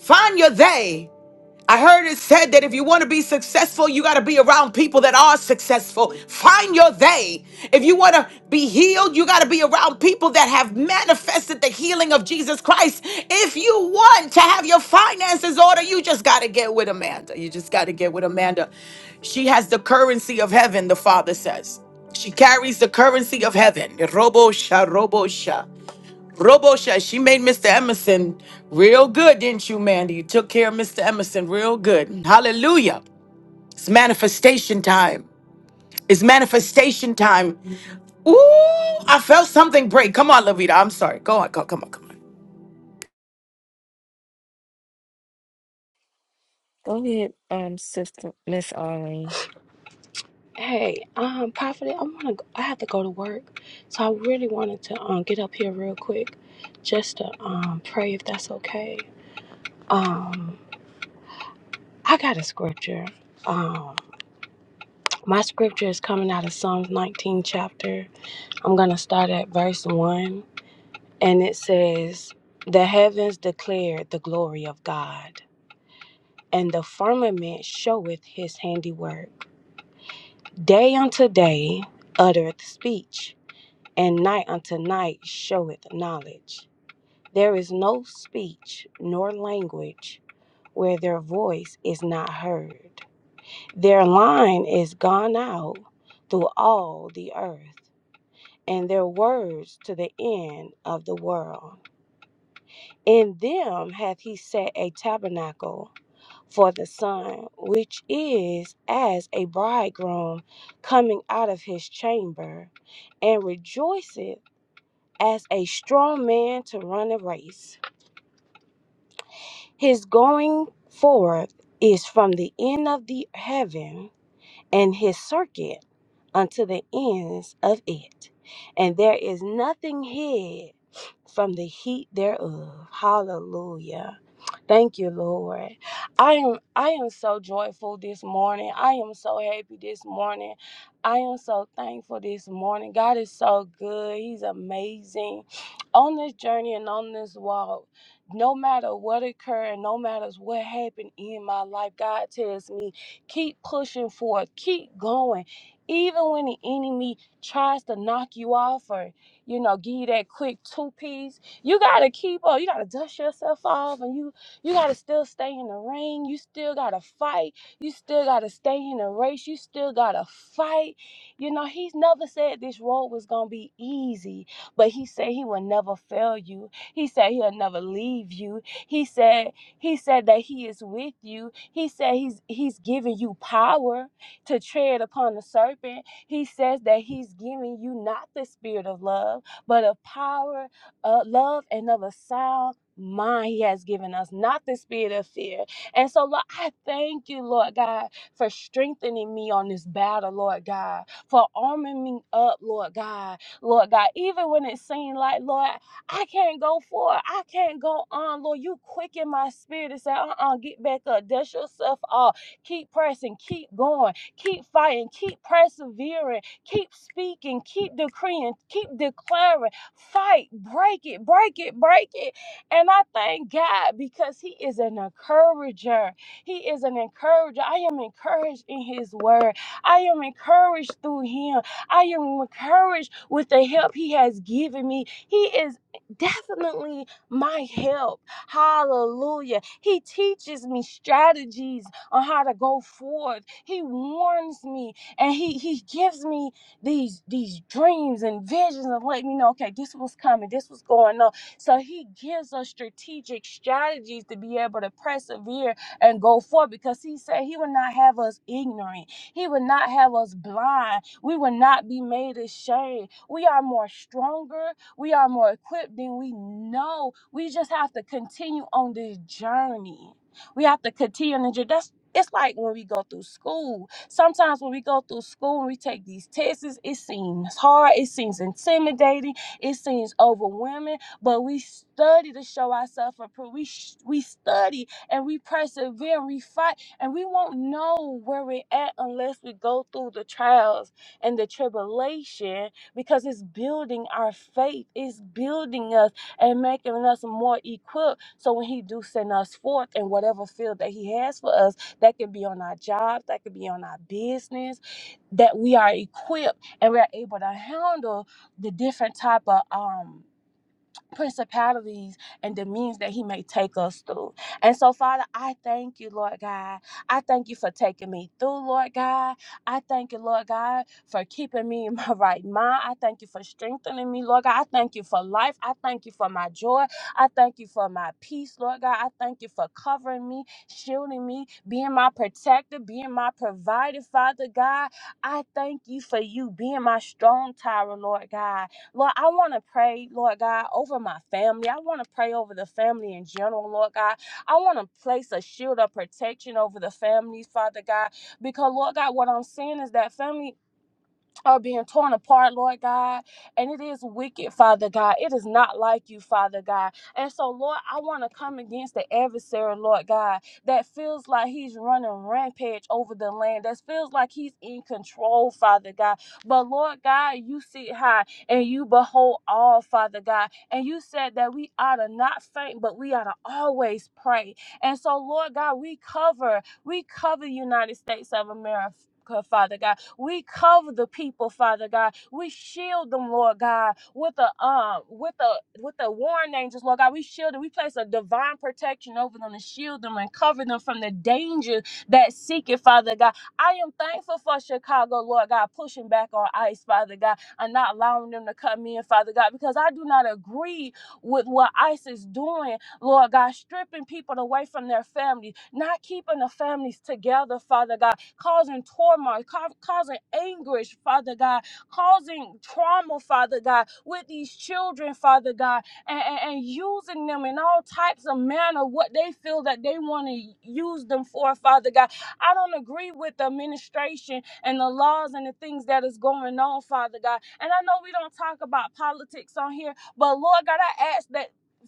Speaker 1: Find your they. I heard it said that if you want to be successful, you got to be around people that are successful. Find your they. If you want to be healed, you got to be around people that have manifested the healing of Jesus Christ. If you want to have your finances order, you just got to get with Amanda. You just got to get with Amanda. She has the currency of heaven, the Father says. She carries the currency of heaven. Robo sha, sha. robo sha. Robo Shot, she made Mr. Emerson real good, didn't you, Mandy? You took care of Mr. Emerson real good. Hallelujah. It's manifestation time. It's manifestation time. Ooh, I felt something break. Come on, Lavita. I'm sorry. Go on. Go, come on. Come on.
Speaker 3: Go ahead, um, sister Miss Arlene.
Speaker 4: Hey, um, Prophet, I wanna go, I have to go to work. So I really wanted to um get up here real quick just to um pray if that's okay. Um I got a scripture. Um my scripture is coming out of Psalms 19 chapter. I'm gonna start at verse one and it says the heavens declare the glory of God, and the firmament showeth his handiwork. Day unto day uttereth speech and night unto night showeth knowledge. There is no speech nor language where their voice is not heard. Their line is gone out through all the earth, and their words to the end of the world. In them hath he set a tabernacle for the sun, which is as a bridegroom coming out of his chamber, and rejoiceth as a strong man to run a race. His going forward is from the end of the heaven and his circuit unto the ends of it. And there is nothing hid from the heat thereof. Hallelujah. Thank you, Lord. I am I am so joyful this morning. I am so happy this morning. I am so thankful this morning. God is so good. He's amazing. On this journey and on this walk, no matter what occurred, no matter what happened in my life, God tells me, keep pushing forward, keep going. Even when the enemy tries to knock you off or, you know, give you that quick two piece, you gotta keep up. You gotta dust yourself off and you you got to still stay in the ring. You still got to fight. You still got to stay in the race. You still got to fight. You know, he's never said this road was going to be easy, but he said he will never fail you. He said he'll never leave you. He said he said that he is with you. He said he's he's giving you power to tread upon the serpent. He says that he's giving you not the spirit of love, but of power, uh, love and of a sound mind he has given us, not the spirit of fear. And so, Lord, I thank you, Lord God, for strengthening me on this battle, Lord God, for arming me up, Lord God, Lord God, even when it seemed like, Lord, I can't go forward, I can't go on, Lord, you quicken my spirit and say, uh uh get back up, dust yourself off, keep pressing, keep going, keep fighting, keep persevering, keep speaking, keep decreeing, keep declaring, fight, break it, break it, break it and I thank God because He is an encourager. He is an encourager. I am encouraged in His word. I am encouraged through Him. I am encouraged with the help He has given me. He is definitely my help. Hallelujah. He teaches me strategies on how to go forth. He warns me and He, he gives me these, these dreams and visions and let me know, okay, this was coming, this was going on so he gives us strategic strategies to be able to persevere and go forward because he said he would not have us ignorant. He would not have us blind. We would not be made ashamed. We are more stronger. We are more equipped than we know. We just have to continue on this journey. We have to continue on the journey. That's it's like when we go through school. Sometimes when we go through school and we take these tests, it seems hard, it seems intimidating, it seems overwhelming but we study to show ourselves approved. We sh- we study and we persevere, we fight, and we won't know where we're at unless we go through the trials and the tribulation because it's building our faith, it's building us and making us more equipped. So when He do send us forth in whatever field that He has for us, that could be on our jobs, that could be on our business, that we are equipped and we're able to handle the different type of um principalities and the means that he may take us through. And so, Father, I thank you, Lord God. I thank you for taking me through, Lord God. I thank you, Lord God, for keeping me in my right mind. I thank you for strengthening me, Lord God. I thank you for life. I thank you for my joy. I thank you for my peace, Lord God. I thank you for covering me, shielding me, being my protector, being my provider, Father God. I thank you for you being my strong tower, Lord God. Lord, I want to pray, Lord God, over my family. I want to pray over the family in general, Lord God. I want to place a shield of protection over the families, Father God, because, Lord God, what I'm seeing is that family are being torn apart, Lord God. And it is wicked, Father God. It is not like you, Father God. And so, Lord, I want to come against the adversary, Lord God, that feels like he's running rampage over the land, that feels like he's in control, Father God. But, Lord God, you sit high and you behold all, Father God. And you said that we ought to not faint, but we ought to always pray. And so, Lord God, we cover, we cover the United States of America. Father God. We cover the people, Father God. We shield them, Lord God, with a um with a with the warring angels, Lord God. We shield them. We place a divine protection over them and shield them and cover them from the danger that seek it, Father God. I am thankful for Chicago, Lord God, pushing back on ICE, Father God, and not allowing them to come in, Father God, because I do not agree with what ICE is doing, Lord God, stripping people away from their family, not keeping the families together, Father God causing torment, ca- causing anguish, Father God, causing trauma, Father God, with these children, Father God, and, and, and using them in all types of manner, what they feel that they want to use them for, Father God. I don't agree with the administration and the laws and the things that is going on, Father God. And I know we don't talk about politics on here, but Lord God, I ask that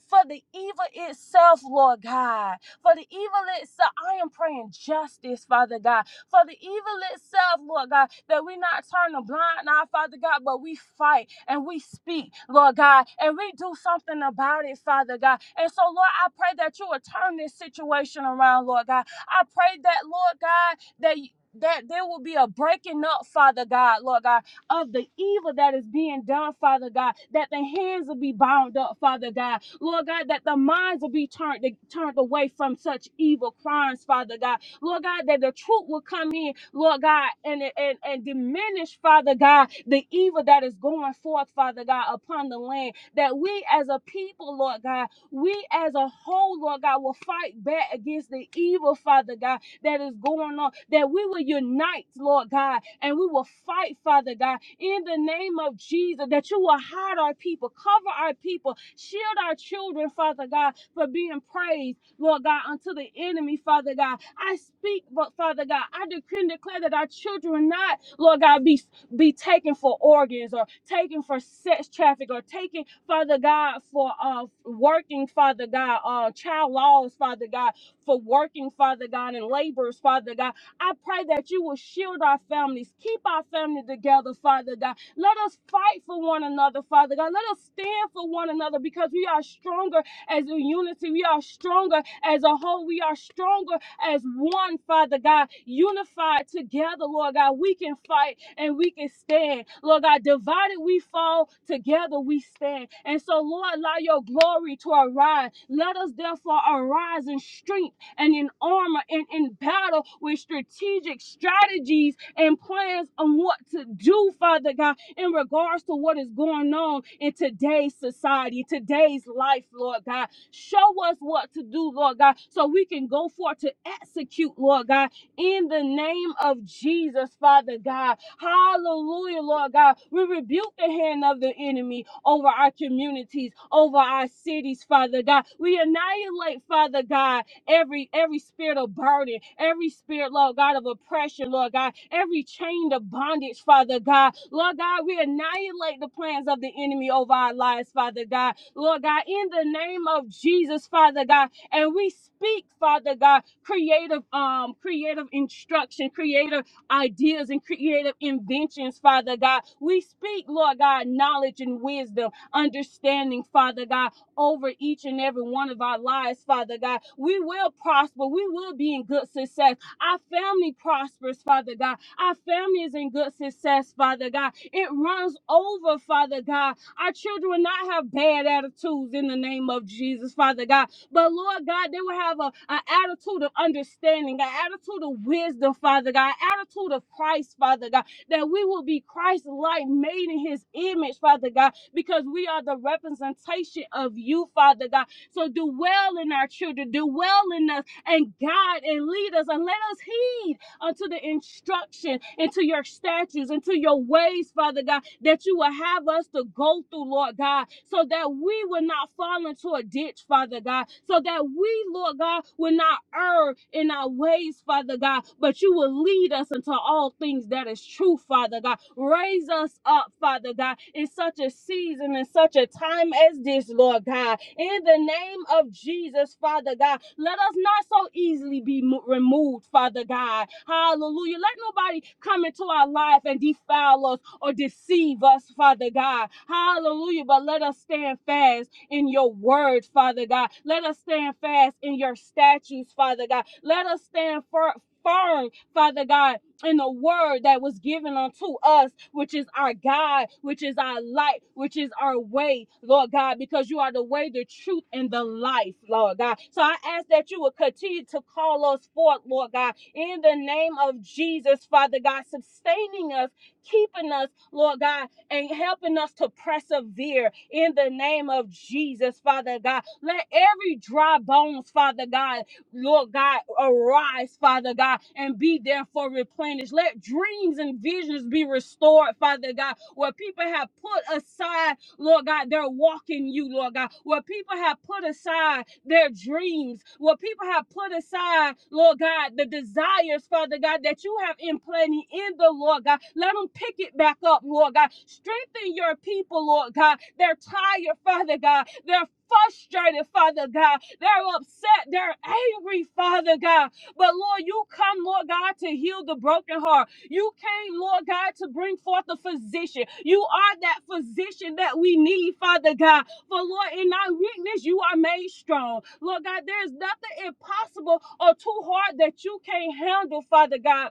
Speaker 4: for the evil itself, Lord God, for the evil itself, I am praying justice, Father God for the evil itself, Lord God, that we not turn a blind eye, Father God, but we fight and we speak, Lord God, and we do something about it, Father God. And so, Lord, I pray that you will turn this situation around, Lord God. I pray that, Lord God, that you- that there will be a breaking up, Father God, Lord God, of the evil that is being done, Father God, that the hands will be bound up, Father God, Lord God, that the minds will be turned turned away from such evil crimes, Father God, Lord God, that the truth will come in, Lord God, and, and, and diminish, Father God, the evil that is going forth, Father God, upon the land. That we as a people, Lord God, we as a whole, Lord God, will fight back against the evil, Father God, that is going on, that we will unite, Lord God, and we will fight, Father God, in the name of Jesus, that you will hide our people, cover our people, shield our children, Father God, for being praised Lord God, unto the enemy, Father God. I speak, but Father God, I decree and declare that our children will not, Lord God, be be taken for organs or taken for sex traffic or taken, Father God, for uh working, Father God, uh child laws, Father God, for working, Father God, and laborers, Father God. I pray that you will shield our families, keep our family together, Father God. Let us fight for one another, Father God. Let us stand for one another because we are stronger as a unity. We are stronger as a whole. We are stronger as one, Father God, unified together, Lord God. We can fight and we can stand. Lord God, divided we fall, together we stand. And so, Lord, allow your glory to arise. Let us therefore arise in strength and in armor and in battle with strategic strategies and plans on what to do, Father God in regards to what is going on in today's society, today's life, Lord God. Show us what to do, Lord God, so we can go forth to execute, Lord God, in the name of Jesus, Father God. Hallelujah, Lord God. We rebuke the hand of the enemy over our communities, over our cities, Father God. We annihilate, Father God every every spirit of burden, every spirit, Lord God, of oppression, Lord God, every chain of bondage, Father God. Lord God, we annihilate the plans of the enemy over our lives, Father God. Lord God, in the name of Jesus, Father God, and we speak, Father God, creative, um, creative instruction, creative ideas and creative inventions, Father God. We speak, Lord God, knowledge and wisdom, understanding, Father God over each and every one of our lives, Father God. We will prosper. We will be in good success. Our family prospers, Father God. Our family is in good success, Father God. It runs over, Father God. Our children will not have bad attitudes in the name of Jesus, Father God. But Lord God, they will have a, an attitude of understanding, an attitude of wisdom, Father God, an attitude of Christ, Father God, that we will be Christ like, made in his image, Father God because we are the representation of you, Father God. So do well in our children, do well in us, and guide and lead us, and let us heed unto the instruction, into your statutes, into your ways, Father God, that you will have us to go through, Lord God, so that we will not fall into a ditch, Father God, so that we, Lord God, will not err in our ways, Father God, but you will lead us into all things that is true, Father God. Raise us us up, Father God, in such a season, in such a time as this, Lord God. In the name of Jesus, Father God, let us not so easily be mo- removed, Father God. Hallelujah. Let nobody come into our life and defile us or deceive us, Father God. Hallelujah. But let us stand fast in your word, Father God. Let us stand fast in your statutes, Father God. Let us stand fir- firm, Father God, in the word that was given unto us, which is our God, which is our light, which is our way, Lord God, because you are the way, the truth, and the life, Lord God. So I ask that you will continue to call us forth, Lord God, in the name of Jesus, Father God, sustaining us, keeping us, Lord God, and helping us to persevere in the name of Jesus, Father God. Let every dry bones, Father God, Lord God, arise, Father God, and be therefore replenished. Let dreams and visions be restored, Father God, where people have put aside, Lord God, their walk in you, Lord God, where people have put aside their dreams, where people have put aside, Lord God, the desires, Father God, that you have implanted in the Lord God. Let them pick it back up, Lord God. Strengthen your people, Lord God. They're tired, Father God. They're frustrated, Father God. They're upset. They're angry, Father God. But Lord, you come, Lord God, to heal the broken heart. You came, Lord God, to bring forth a physician. You are that physician that we need, Father God. For Lord, in our weakness, you are made strong. Lord God, there is nothing impossible or too hard that you can't handle, Father God.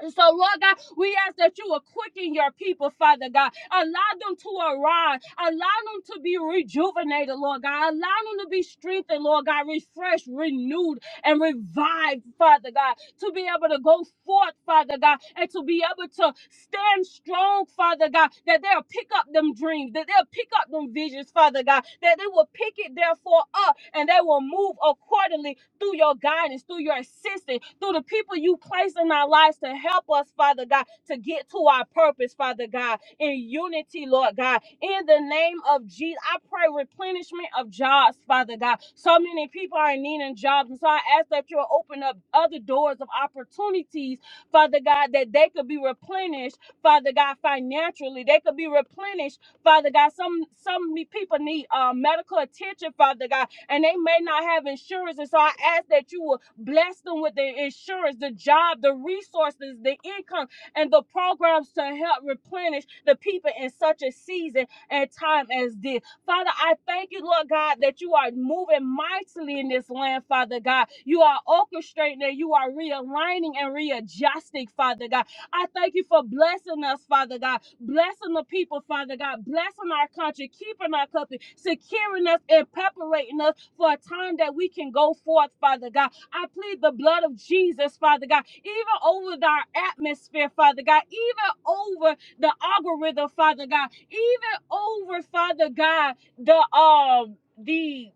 Speaker 4: And so, Lord God, we ask that you will quicken your people, Father God. Allow them to arise. Allow them to be rejuvenated, Lord God. Allow them to be strengthened, Lord God, refreshed, renewed, and revived, Father God, to be able to go forth, Father God, and to be able to stand strong, Father God, that they'll pick up them dreams, that they'll pick up them visions, Father God, that they will pick it therefore up and they will move accordingly through your guidance, through your assistance, through the people you place in our lives to help us, Father God, to get to our purpose, Father God, in unity, Lord God. In the name of Jesus, I pray replenishment of jobs, Father God. So many people are needing jobs, and so I ask that you'll open up other doors of opportunities, Father God, that they could be replenished, Father God, financially. They could be replenished Father God. Some some me- people need uh, medical attention, Father God and they may not have insurance. And so I ask that you will bless them with the insurance, the job, the resources, the income, and the programs to help replenish the people in such a season and time as this. Father, I thank you, Lord God, that you are moving mightily in this land, Father God. You are orchestrating and you are realigning and readjusting, Father God. I thank you for blessing us, Father God, blessing the people, Father God, blessing our country, keeping our country, securing us and preparing us for a time that we can go forth, Father God. I plead the blood of Jesus, Father God, even over our atmosphere, Father God, even over the algorithm, Father God, even over, Father God, the um the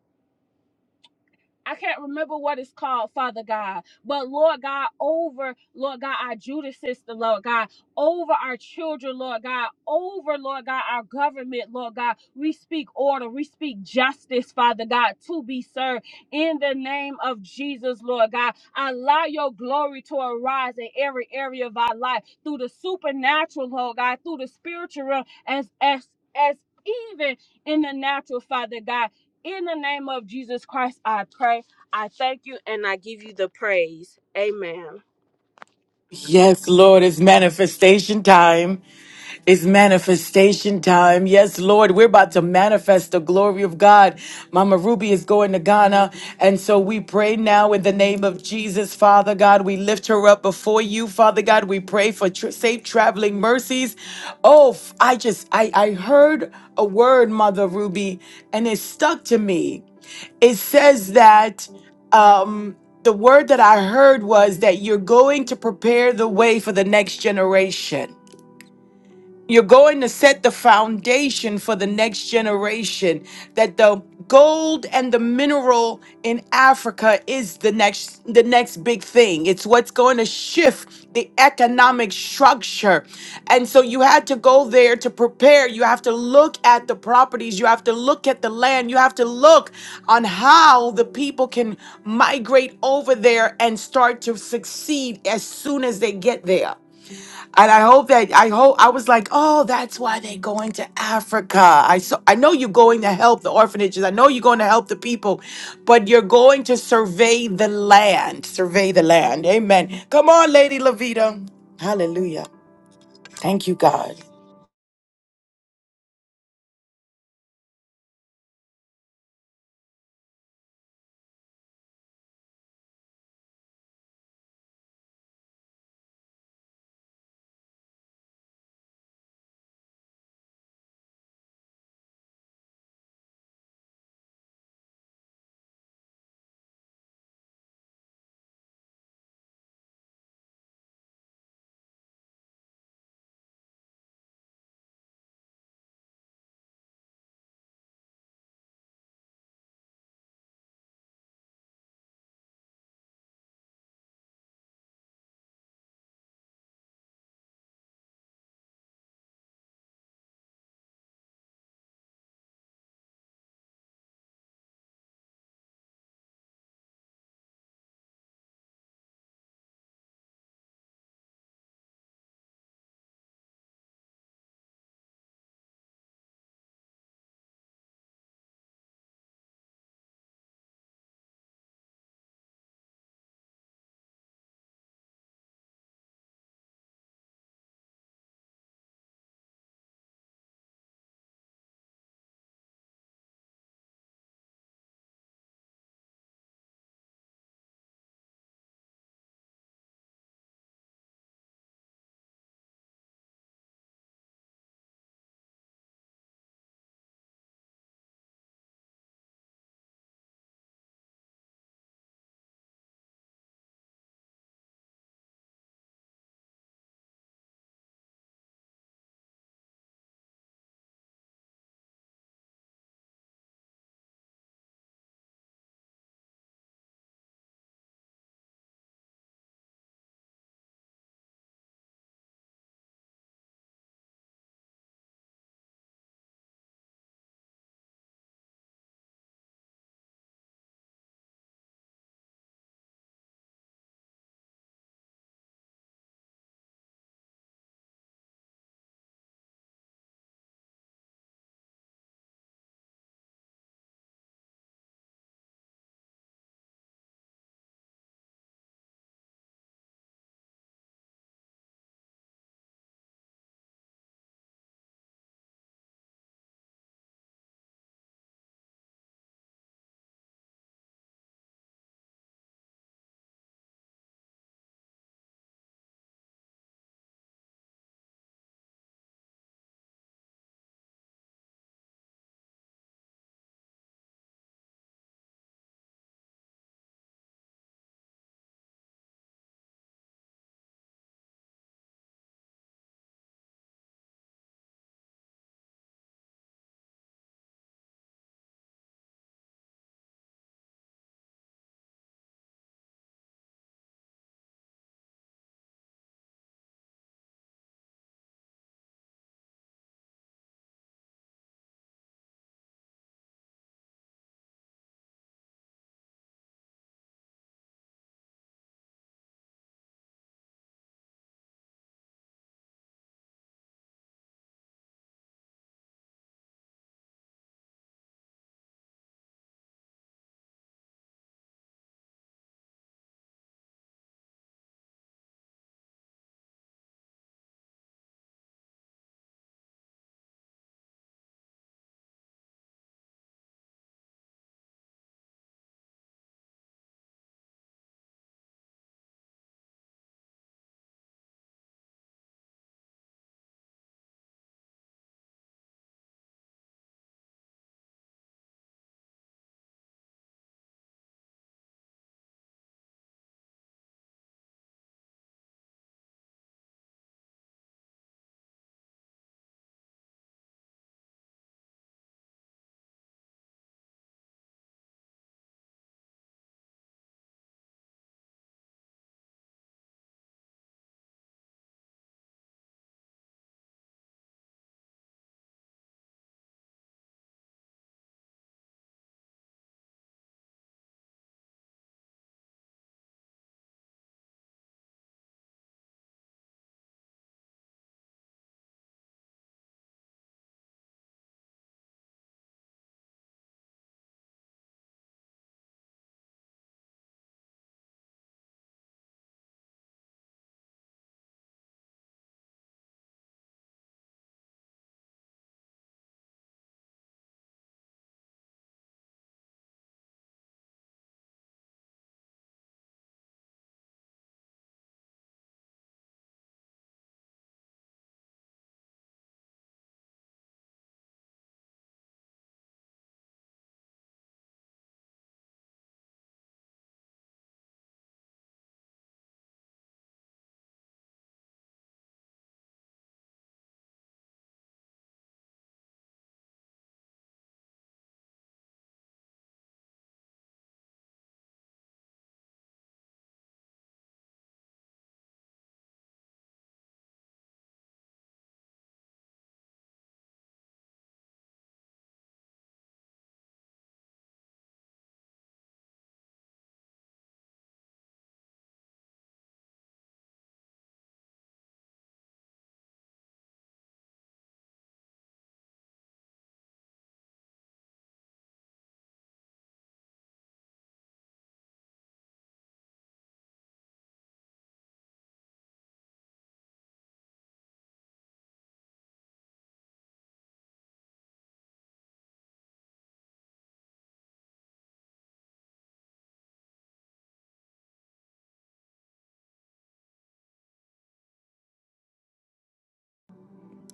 Speaker 4: I can't remember what it's called, Father God. But Lord God, over, Lord God, our Judas sister, Lord God, over our children, Lord God, over, Lord God, our government, Lord God. We speak order, we speak justice, Father God, to be served in the name of Jesus, Lord God. Allow your glory to arise in every area of our life through the supernatural, Lord God, through the spiritual realm, as as as even in the natural, Father God. In the name of Jesus Christ, I pray. I thank you and I give you the praise. Amen.
Speaker 1: Yes, Lord, it's manifestation time. It's manifestation time. Yes, Lord, we're about to manifest the glory of God. Mama Ruby is going to Ghana. And so we pray now in the name of Jesus, Father God. We lift her up before you, Father God. We pray for tr- safe traveling mercies. Oh, f- I just, I, I heard a word, Mother Ruby, and it stuck to me it says that um, the word that I heard was that you're going to prepare the way for the next generation. You're going to set the foundation for the next generation that the gold and the mineral in Africa is the next the next big thing. It's what's going to shift the economic structure. And so you had to go there to prepare. You have to look at the properties, you have to look at the land, you have to look on how the people can migrate over there and start to succeed as soon as they get there. And I hope that I hope I was like, oh, that's why they're going to Africa. I so I know you're going to help the orphanages. I know you're going to help the people, but you're going to survey the land. Survey the land. Amen. Come on, Lady Levita. Hallelujah. Thank you, God.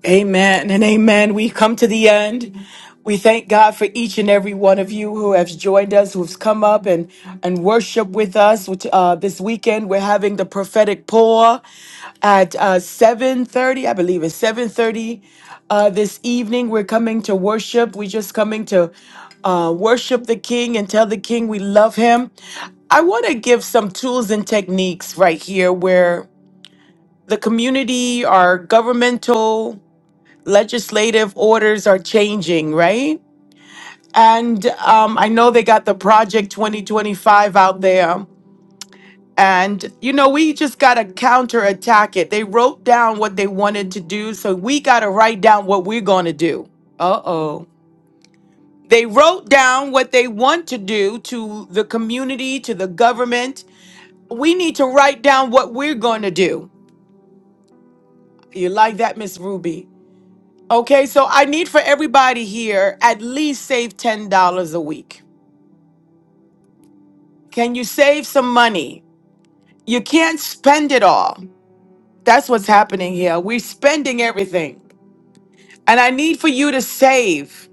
Speaker 1: Amen and amen. We come to the end. We thank God for each and every one of you who have joined us, who's come up and, and worship with us. Which, uh, this weekend, we're having the prophetic pour at uh, 7.30, I believe it's 7.30 uh, this evening. We're coming to worship. We're just coming to uh, worship the King and tell the King we love him. I want to give some tools and techniques right here where the community, our governmental, legislative orders are changing, right? And um, I know they got the Project 2025 out there. And, you know, we just got to counterattack it. They wrote down what they wanted to do, so we got to write down what we're going to do. Uh oh. They wrote down what they want to do to the community, to the government. We need to write down what we're going to do. You like that, Miss Ruby? Okay, so I need for everybody here at least save $10 a week. Can you save some money? You can't spend it all. That's what's happening here. We're spending everything. And I need for you to save.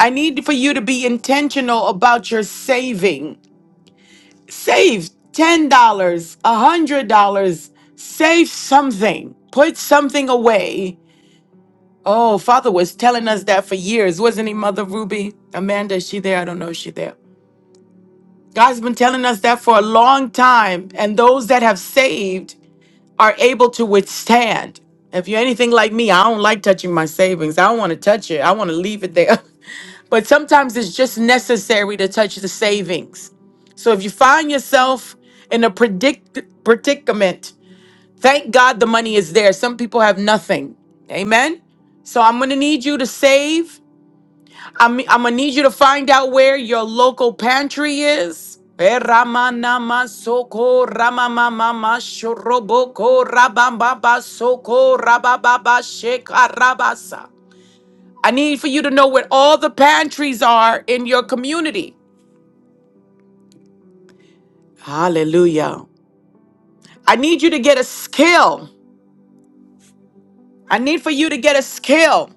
Speaker 1: I need for you to be intentional about your saving. Save $10, dollars, a $100. Save something. Put something away. Oh, Father was telling us that for years, wasn't he, Mother Ruby? Amanda, is she there? I don't know if she there. God's been telling us that for a long time. And those that have saved are able to withstand. If you're anything like me, I don't like touching my savings. I don't want to touch it. I want to leave it there. but sometimes it's just necessary to touch the savings. So if you find yourself in a predict- predicament, thank God the money is there. Some people have nothing. Amen. So I'm going to need you to save I'm, I'm gonna need you to find out where your local pantry is. Eh, Ramanama soko ramamamama shoroboko rabambaba soko rabababa shekarabasa. I need for you to know where all the pantries are in your community. Hallelujah. I need you to get a skill. I need for you to get a skill.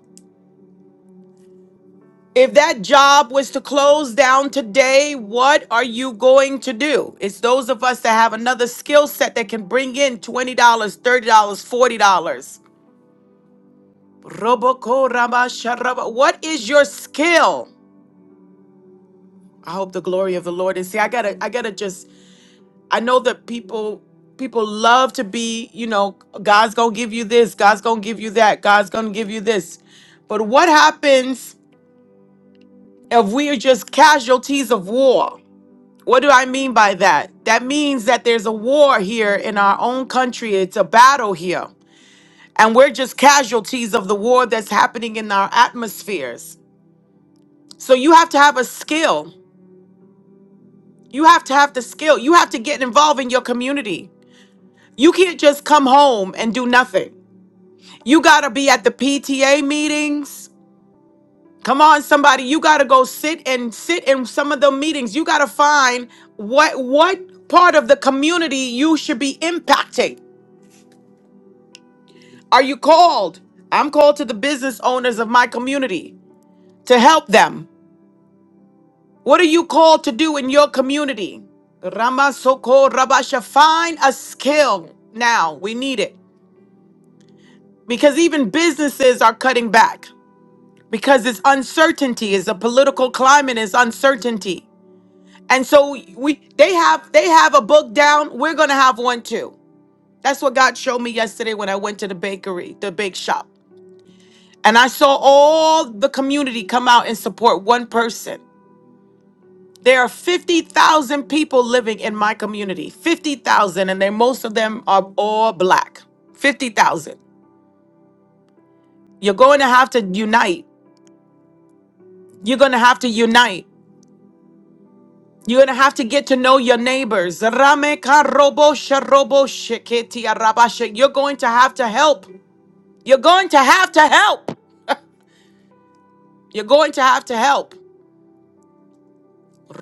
Speaker 1: If that job was to close down today, what are you going to do? It's those of us that have another skill set that can bring in $20, dollars, $30, dollars, $40. Roboko raba sharaba. What is your skill? I hope the glory of the Lord is. See, I gotta, I gotta just. I know that people, people love to be. You know, God's gonna give you this. God's gonna give you that. God's gonna give you this. But what happens if we are just casualties of war? What do I mean by that? That means that there's a war here in our own country. It's a battle here. And we're just casualties of the war that's happening in our atmospheres. So you have to have a skill. You have to have the skill. You have to get involved in your community. You can't just come home and do nothing. You got to be at the PTA meetings. Come on, somebody, you gotta go sit and sit in some of the meetings. You gotta find what what part of the community you should be impacting. Are you called? I'm called to the business owners of my community to help them. What are you called to do in your community? Ramasoko Rabasha, find a skill now. We need it. Because even businesses are cutting back because it's uncertainty, is a political climate is uncertainty. And so we they have they have a book down. We're gonna have one too. That's what God showed me yesterday when I went to the bakery, the bake shop. And I saw all the community come out and support one person. There are 50,000 people living in my community, 50,000, and they, most of them are all black. 50,000. You're going to have to unite. You're going to have to unite. You're going to have to get to know your neighbors. Rame karobo sharobo sheketi arabashe. You're going to have to help. You're going to have to help. You're going to have to help.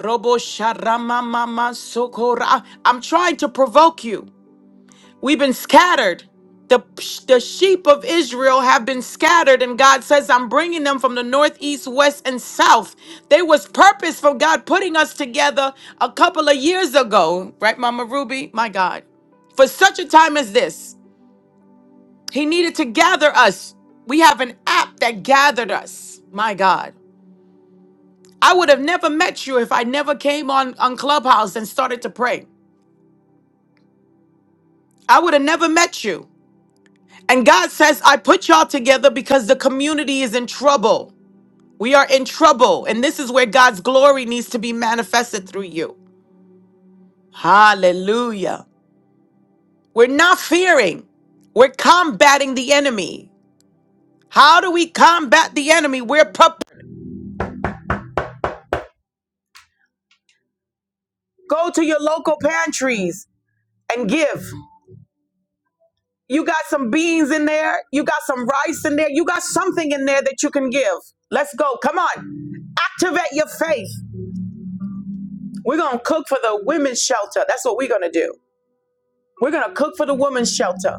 Speaker 1: Robo sharama mama sokora. I'm trying to provoke you. We've been scattered. The, the sheep of Israel have been scattered, and God says, I'm bringing them from the north, east, west, and south. There was purpose for God putting us together a couple of years ago, right, Mama Ruby? My God. For such a time as this, He needed to gather us. We have an app that gathered us, my God. I would have never met you if I never came on, on Clubhouse and started to pray. I would have never met you And God says, I put y'all together because the community is in trouble. We are in trouble. And this is where God's glory needs to be manifested through you. Hallelujah. We're not fearing, we're combating the enemy. How do we combat the enemy? We're prepared. Go to your local pantries and give. You got some beans in there, you got some rice in there, you got something in there that you can give. Let's go. Come on. Activate your faith. We're going to cook for the women's shelter. That's what we're going to do. We're going to cook for the women's shelter.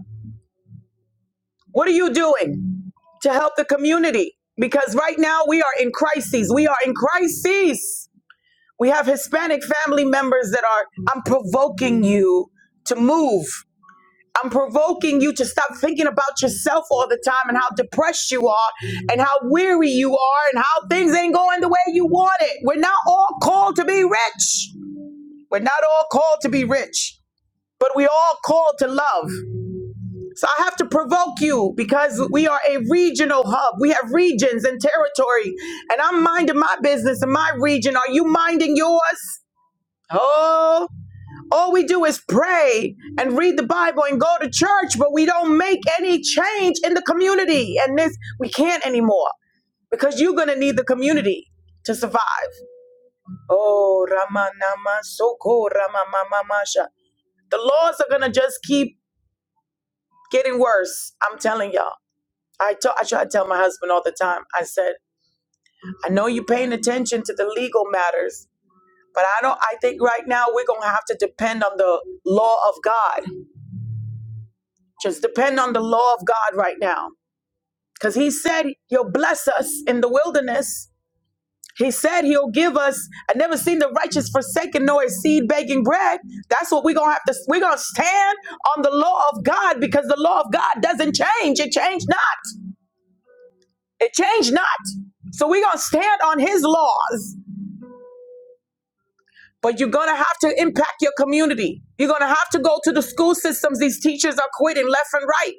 Speaker 1: What are you doing to help the community? Because right now we are in crises. We are in crises. We have Hispanic family members that are, I'm provoking you to move. I'm provoking you to stop thinking about yourself all the time and how depressed you are and how weary you are and how things ain't going the way you want it. We're not all called to be rich. We're not all called to be rich, but we all called to love. So I have to provoke you because we are a regional hub. We have regions and territory. And I'm minding my business in my region. Are you minding yours? Oh, all we do is pray and read the Bible and go to church, but we don't make any change in the community. And this, we can't anymore because you're going to need the community to survive. Oh, Rama, Ramanama Soko Ramamamasha. The laws are going to just keep getting worse. I'm telling y'all. I t- I try to tell my husband all the time. I said, I know you're paying attention to the legal matters, but I don't. I think right now we're gonna have to depend on the law of God. Just depend on the law of God right now, because He said He'll bless us in the wilderness. He said He'll give us. I never seen the righteous forsaken nor his seed begging bread. That's what we're gonna have to. We're gonna stand on the law of God because the law of God doesn't change. It changed not. It changed not. So we're gonna stand on His laws But you're going to have to impact your community. You're going to have to go to the school systems. These teachers are quitting left and right.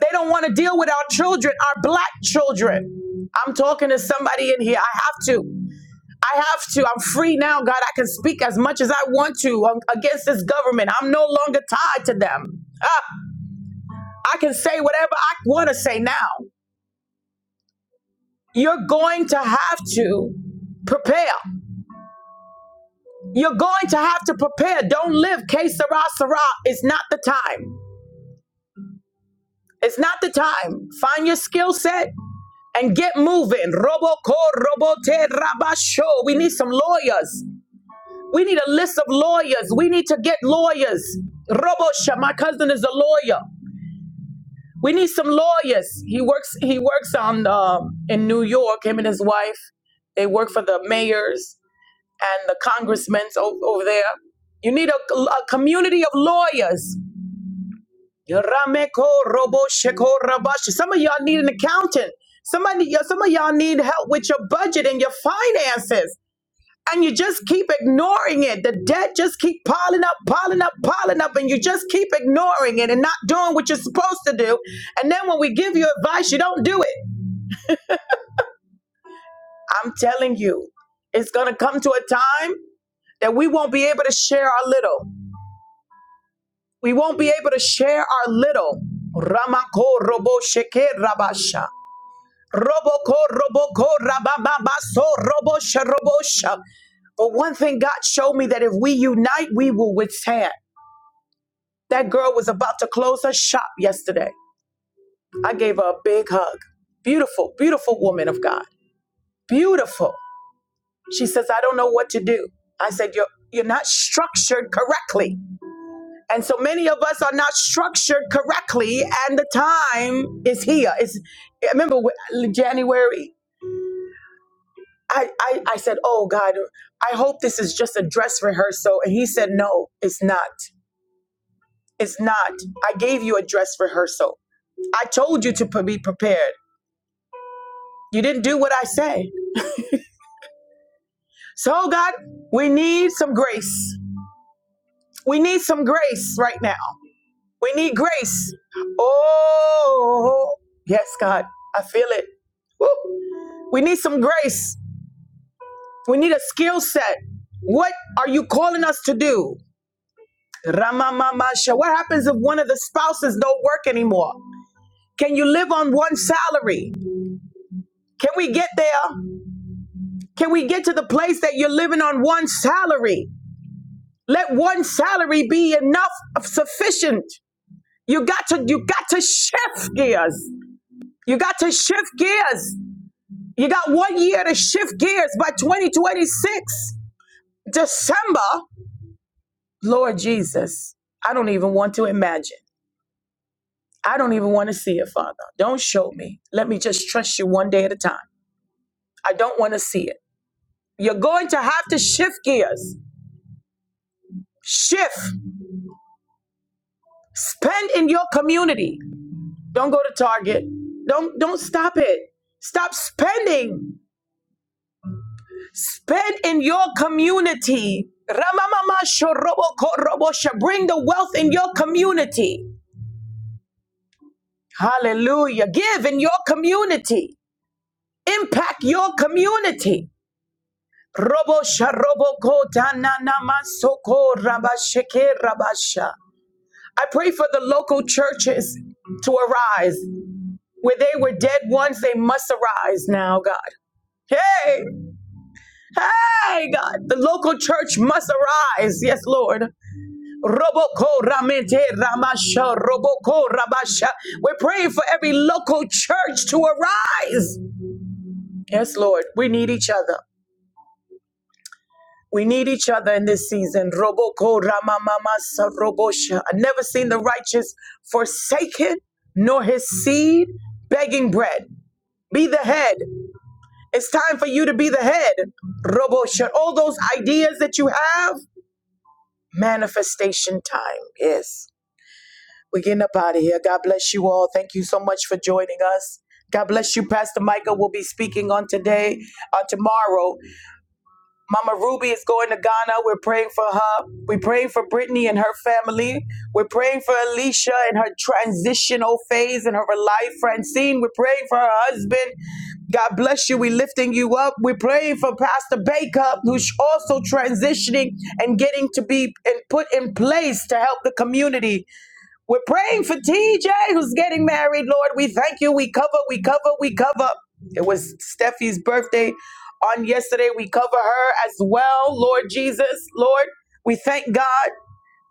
Speaker 1: They don't want to deal with our children, our black children. I'm talking to somebody in here. I have to. I have to. I'm free now, God. I can speak as much as I want to um, against this government. I'm no longer tied to them. I can say whatever I want to say now. You're going to have to prepare. You're going to have to prepare. Don't live case sera sera. It's not the time. It's not the time. Find your skill set and get moving. Roboco, robote, rabasho. We need some lawyers. We need a list of lawyers. We need to get lawyers. Robosha, my cousin is a lawyer. We need some lawyers. He works. He works on um, in New York. Him and his wife. They work for the mayors and the congressmen over, over there. You need a, a community of lawyers. Yarameko robo sheko rabashi. Some of y'all need an accountant. Somebody, y- some of y'all need help with your budget and your finances. And you just keep ignoring it. The debt just keep piling up, piling up, piling up, and you just keep ignoring it and not doing what you're supposed to do. And then when we give you advice, you don't do it. I'm telling you, it's gonna come to a time that we won't be able to share our little. We won't be able to share our little. Ramako robo sheke rabasha. Roboko, roboko, rabababaso, robosha, robosha. But one thing God showed me that if we unite, we will withstand. That girl was about to close her shop yesterday. I gave her a big hug. Beautiful, beautiful woman of God. Beautiful. She says, I don't know what to do. I said, You're you're not structured correctly. And so many of us are not structured correctly, and the time is here. It's remember January. I, I, I said, Oh God, I hope this is just a dress rehearsal. And he said, No, it's not. It's not. I gave you a dress rehearsal. I told you to pre- be prepared. You didn't do what I say. So, oh, God, we need some grace. We need some grace right now. We need grace. Oh, yes, God. I feel it. Woo. We need some grace. We need a skill set. What are you calling us to do? Ramamamasha. What happens if one of the spouses don't work anymore? Can you live on one salary? Can we get there? Can we get to the place that you're living on one salary? Let one salary be enough of sufficient. You got to you got to shift gears. You got to shift gears. You got one year to shift gears by 2026. December, Lord Jesus. I don't even want to imagine. I don't even want to see it, Father. Don't show me. Let me just trust you one day at a time. I don't want to see it. You're going to have to shift gears. Shift. Spend in your community. Don't go to Target. Don't don't stop it. Stop spending. Spend in your community. Ramamama shoroboko robosha. Bring the wealth in your community. Hallelujah. Give in your community. Impact your community. Robosha robokota nanamasoko rabasheke rabasha. I pray for the local churches to arise. Where they were dead once, they must arise now, God. Hey, hey, God. The local church must arise. Yes, Lord. Roboko Ramete, ramasha roboko rabasha. We're praying for every local church to arise. Yes, Lord. We need each other. We need each other in this season. Roboko Ramamama Sarobosha. I've never seen the righteous forsaken, nor his seed begging bread. Be the head. It's time for you to be the head. Robosha. All those ideas that you have, manifestation time. Yes. We're getting up out of here. God bless you all. Thank you so much for joining us. God bless you, Pastor Micah. will be speaking on today, on tomorrow. Mama Ruby is going to Ghana. We're praying for her. We're praying for Brittany and her family. We're praying for Alicia and her transitional phase in her life. Francine, we're praying for her husband. God bless you. We're lifting you up. We're praying for Pastor Baker, who's also transitioning and getting to be and put in place to help the community. We're praying for TJ who's getting married, Lord. We thank you. We cover, we cover, we cover. It was Steffi's birthday on yesterday. We cover her as well, Lord Jesus. Lord, we thank God.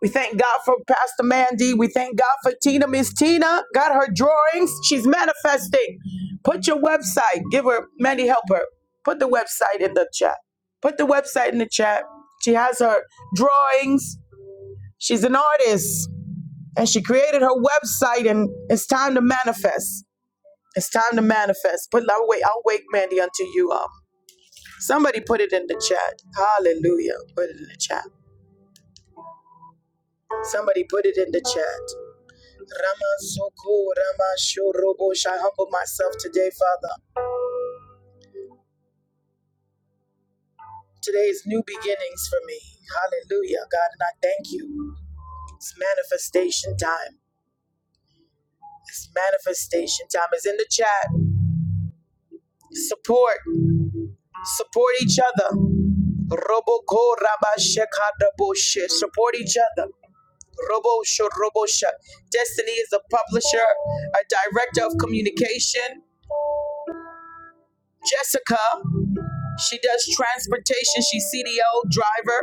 Speaker 1: We thank God for Pastor Mandy. We thank God for Tina. Miss Tina got her drawings. She's manifesting. Put your website. Give her, Mandy, help her. Put the website in the chat. Put the website in the chat. She has her drawings. She's an artist and she created her website and it's time to manifest it's time to manifest but i'll wait i'll wait mandy until you um somebody put it in the chat hallelujah put it in the chat somebody put it in the chat Rama Soko, Rama Shorobo. I humble myself today, Father. Today is new beginnings for me. Hallelujah, God, and I thank you. It's manifestation time. It's manifestation time. It's in the chat. Support. Support each other. Roboko rabashekadaboshe. Support each other. Robo robosha. Destiny is a publisher, a director of communication. Jessica, she does transportation. She's CDO driver.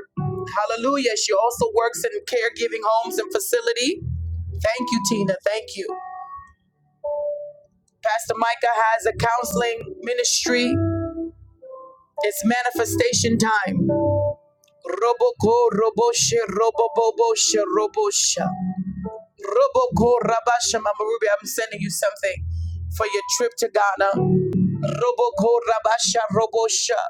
Speaker 1: Hallelujah. She also works in caregiving homes and facility. Thank you, Tina. Thank you. Pastor Micah has a counseling ministry. It's manifestation time. Roboko roboshe roboboboshe robosha. Roboko Rabasha Mamarubi, I'm sending you something for your trip to Ghana. Roboko Rabasha Robosha.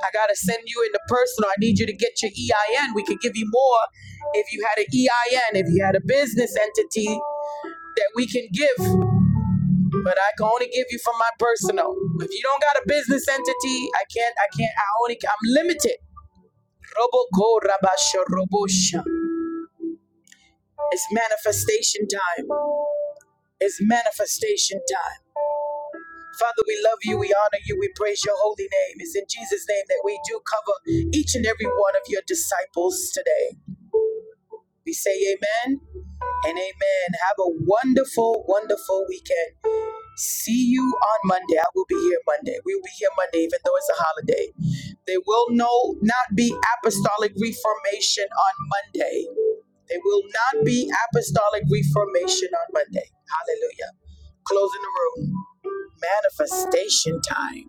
Speaker 1: I gotta send you in the personal. I need you to get your EIN. We could give you more if you had an EIN, if you had a business entity that we can give, but I can only give you from my personal. If you don't got a business entity, I can't, I can't, I only I'm limited. Roboko Rabasha Robosha. It's manifestation time. It's manifestation time. Father, we love you, we honor you, we praise your holy name. It's in Jesus' name that we do cover each and every one of your disciples today. We say amen and amen. Have a wonderful, wonderful weekend. See you on Monday. I will be here Monday. We'll be here Monday, even though it's a holiday. There will no not be apostolic reformation on Monday. There will not be apostolic reformation on Monday. Hallelujah. Closing the room. Manifestation time.